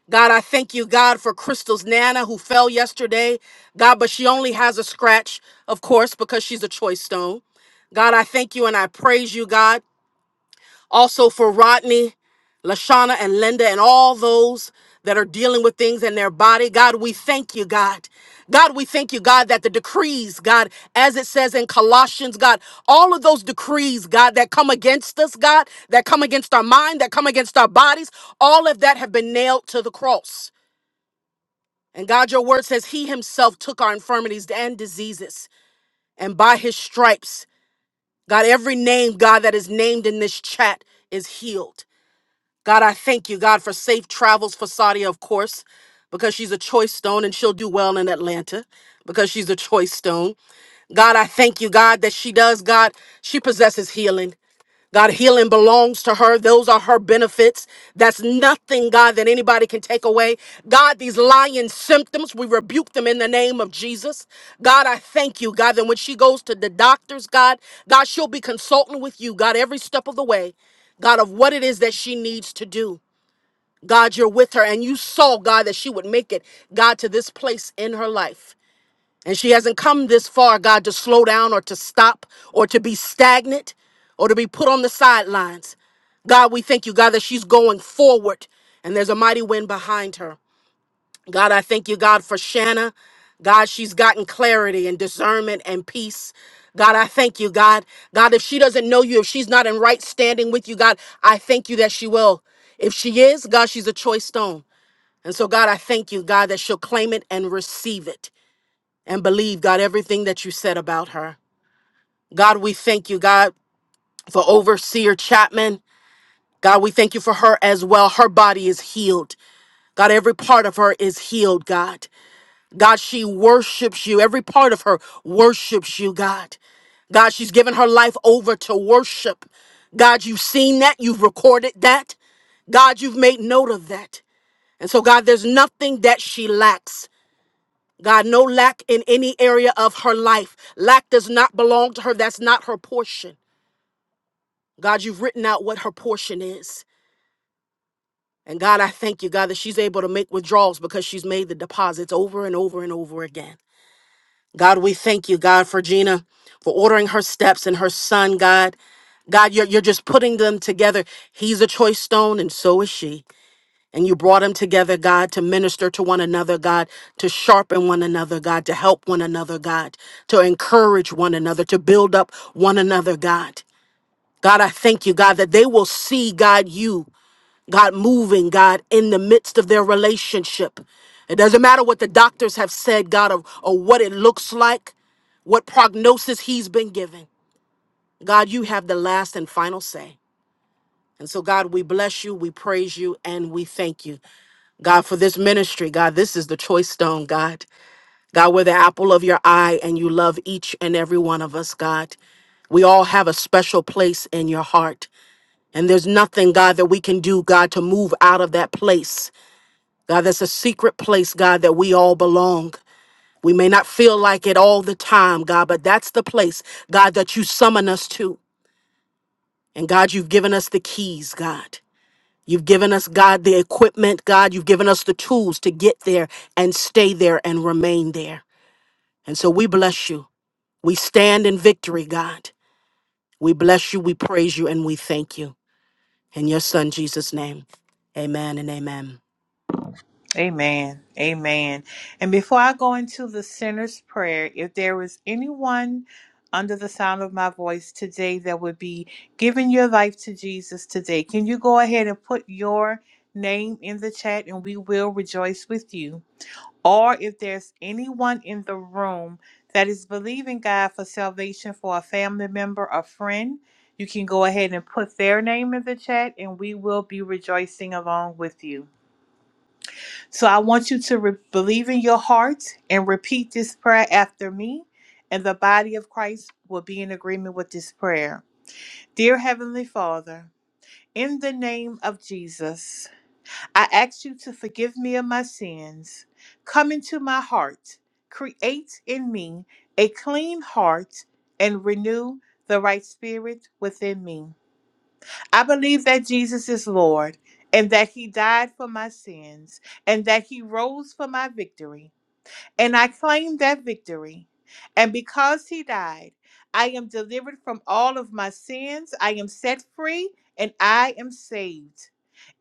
B: God, I thank you, God, for Crystal's Nana who fell yesterday. God, but she only has a scratch, of course, because she's a choice stone. God, I thank you and I praise you, God. Also for Rodney, Lashana, and Linda, and all those that are dealing with things in their body. God, we thank you, God. God, we thank you, God, that the decrees, God, as it says in Colossians, God, all of those decrees, God, that come against us, God, that come against our mind, that come against our bodies, all of that have been nailed to the cross. And God, your word says he himself took our infirmities and diseases, and by his stripes, God, every name, God, that is named in this chat is healed. God, I thank you, God, for safe travels for Sadia, of course, because she's a choice stone and she'll do well in Atlanta because she's a choice stone. God, I thank you, God, that she does, God, she possesses healing. God, healing belongs to her. Those are her benefits. That's nothing, God, that anybody can take away. God, these lying symptoms, we rebuke them in the name of Jesus. God, I thank you, God, that when she goes to the doctors, God, God, she'll be consulting with you, God, every step of the way, God, of what it is that she needs to do. God, you're with her, and you saw, God, that she would make it, God, to this place in her life. And she hasn't come this far, God, to slow down or to stop or to be stagnant or to be put on the sidelines. God, we thank you, God, that she's going forward and there's a mighty wind behind her. God, I thank you, God, for Shanna. God, she's gotten clarity and discernment and peace. God, I thank you, God. God, if she doesn't know you, if she's not in right standing with you, God, I thank you that she will. If she is, God, she's a choice stone. And so, God, I thank you, God, that she'll claim it and receive it and believe, God, everything that you said about her. God, we thank you, God, for Overseer Chapman. God, we thank you for her as well. Her body is healed. God, every part of her is healed, God. God, she worships you. Every part of her worships you, God. God, she's given her life over to worship. God, you've seen that. You've recorded that. God, you've made note of that. And so, God, there's nothing that she lacks. God, no lack in any area of her life. Lack does not belong to her. That's not her portion. God, you've written out what her portion is. And God, I thank you, God, that she's able to make withdrawals because she's made the deposits over and over and over again. God, we thank you, God, for Gina, for ordering her steps and her son, God. God, you're, you're just putting them together. He's a choice stone, and so is she. And you brought them together, God, to minister to one another, God, to sharpen one another, God, to help one another, God, to encourage one another, to build up one another, God. God, I thank you, God, that they will see, God, you, God, moving, God, in the midst of their relationship. It doesn't matter what the doctors have said, God, or or what it looks like, what prognosis he's been given. God, you have the last and final say. And so, God, we bless you, we praise you, and we thank you. God, for this ministry, God, this is the choice stone, God. God, we're the apple of your eye, and you love each and every one of us, God. We all have a special place in your heart. And there's nothing, God, that we can do, God, to move out of that place. God, that's a secret place, God, that we all belong. We may not feel like it all the time, God, but that's the place, God, that you summon us to. And God, you've given us the keys, God. You've given us, God, the equipment, God. You've given us the tools to get there and stay there and remain there. And so we bless you. We stand in victory, God. We bless you, we praise you, and we thank you. In your son, Jesus' name, amen and amen.
A: Amen. Amen. And before I go into the sinner's prayer, if there is anyone under the sound of my voice today that would be giving your life to Jesus today, can you go ahead and put your name in the chat and we will rejoice with you? Or if there's anyone in the room that is believing God for salvation for a family member or friend, you can go ahead and put their name in the chat and we will be rejoicing along with you. So I want you to re- believe in your heart and repeat this prayer after me, and the body of Christ will be in agreement with this prayer. Dear Heavenly Father, in the name of Jesus, I ask you to forgive me of my sins. Come into my heart, create in me a clean heart, and renew the right spirit within me. I believe that Jesus is Lord and that He died for my sins and that He rose for my victory. And I claim that victory. And because he died, I am delivered from all of my sins. I am set free and I am saved.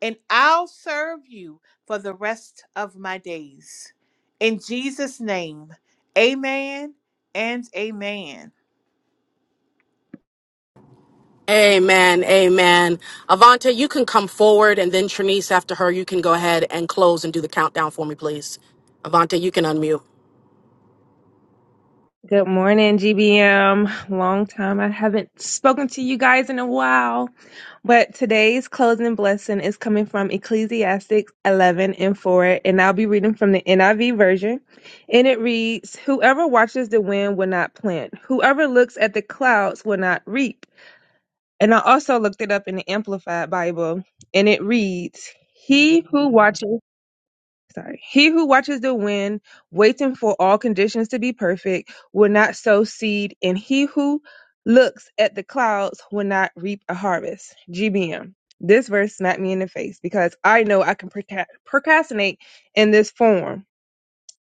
A: And I'll serve you for the rest of my days. In Jesus' name, amen and amen.
B: Amen. Amen. Avante, you can come forward, and then Trinice, after her, you can go ahead and close and do the countdown for me, please. Avante, you can unmute.
F: Good morning, GBM. Long time I haven't spoken to you guys in a while, but today's closing blessing is coming from Ecclesiastes 11 and 4, and I'll be reading from the NIV version. And it reads Whoever watches the wind will not plant, whoever looks at the clouds will not reap. And I also looked it up in the Amplified Bible, and it reads He who watches sorry. He who watches the wind, waiting for all conditions to be perfect, will not sow seed, and he who looks at the clouds will not reap a harvest. GBM. This verse smacked me in the face because I know I can proca- procrastinate in this form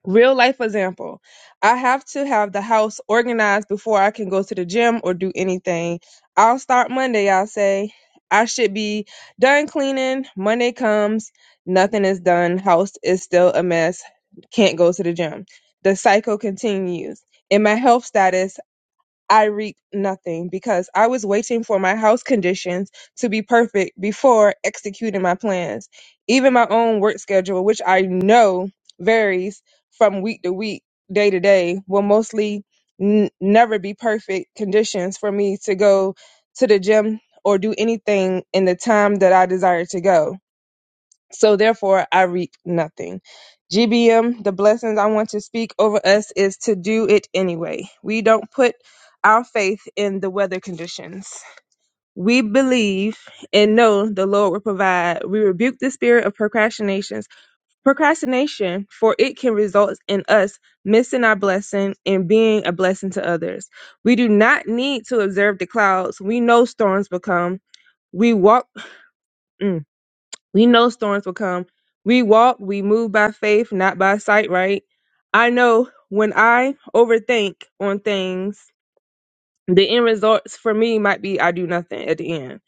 F: Real life example. I have to have the house organized before I can go to the gym or do anything. I'll start Monday, I'll say. I should be done cleaning. Monday comes, nothing is done. House is still a mess. Can't go to the gym. The cycle continues. In my health status, I reap nothing because I was waiting for my house conditions to be perfect before executing my plans. Even my own work schedule, which I know varies from week to week, day to day, will mostly n- never be perfect conditions for me to go to the gym or do anything in the time that I desire to go. So therefore, I reap nothing. GBM, the blessings I want to speak over us is to do it anyway. We don't put our faith in the weather conditions. We believe and know the Lord will provide. We rebuke the spirit of procrastinations, procrastination, for it can result in us missing our blessing and being a blessing to others. We do not need to observe the clouds. We know storms will come. We walk. mm, we know storms will come. We walk, we move by faith, not by sight, right? I know when I overthink on things, the end results for me might be I do nothing at the end.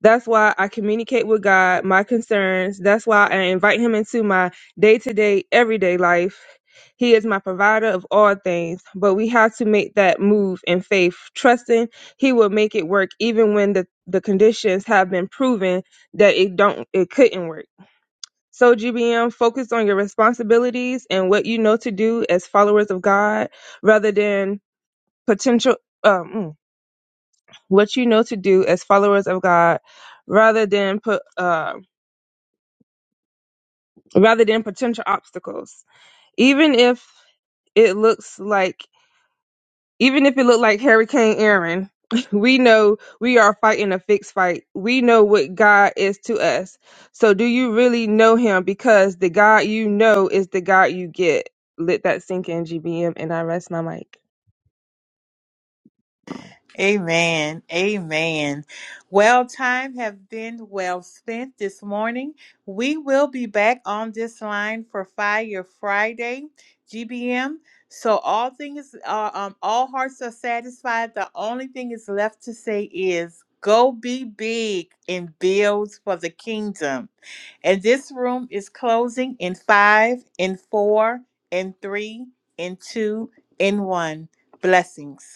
F: That's why I communicate with God my concerns. That's why I invite Him into my day to day, everyday life. He is my provider of all things, but we have to make that move in faith, trusting He will make it work even when the, the conditions have been proven that it don't it couldn't work. So, GBM, focus on your responsibilities and what you know to do as followers of God rather than potential, um, mm, what you know to do as followers of God rather than put, uh, rather than potential obstacles. Even if it looks like Even if it looked like Hurricane Aaron, we know we are fighting a fixed fight. We know what God is to us. So do you really know him? Because the God you know is the God you get. Let that sink in, GBM, and I rest my mic.
A: Amen. Amen. Well, time have been well spent this morning. We will be back on this line for Fire Friday, GBM. So all things, uh, um, all hearts are satisfied. The only thing is left to say is, go be big and build for the kingdom. And this room is closing in five, in four, in three, in two, in one. Blessings.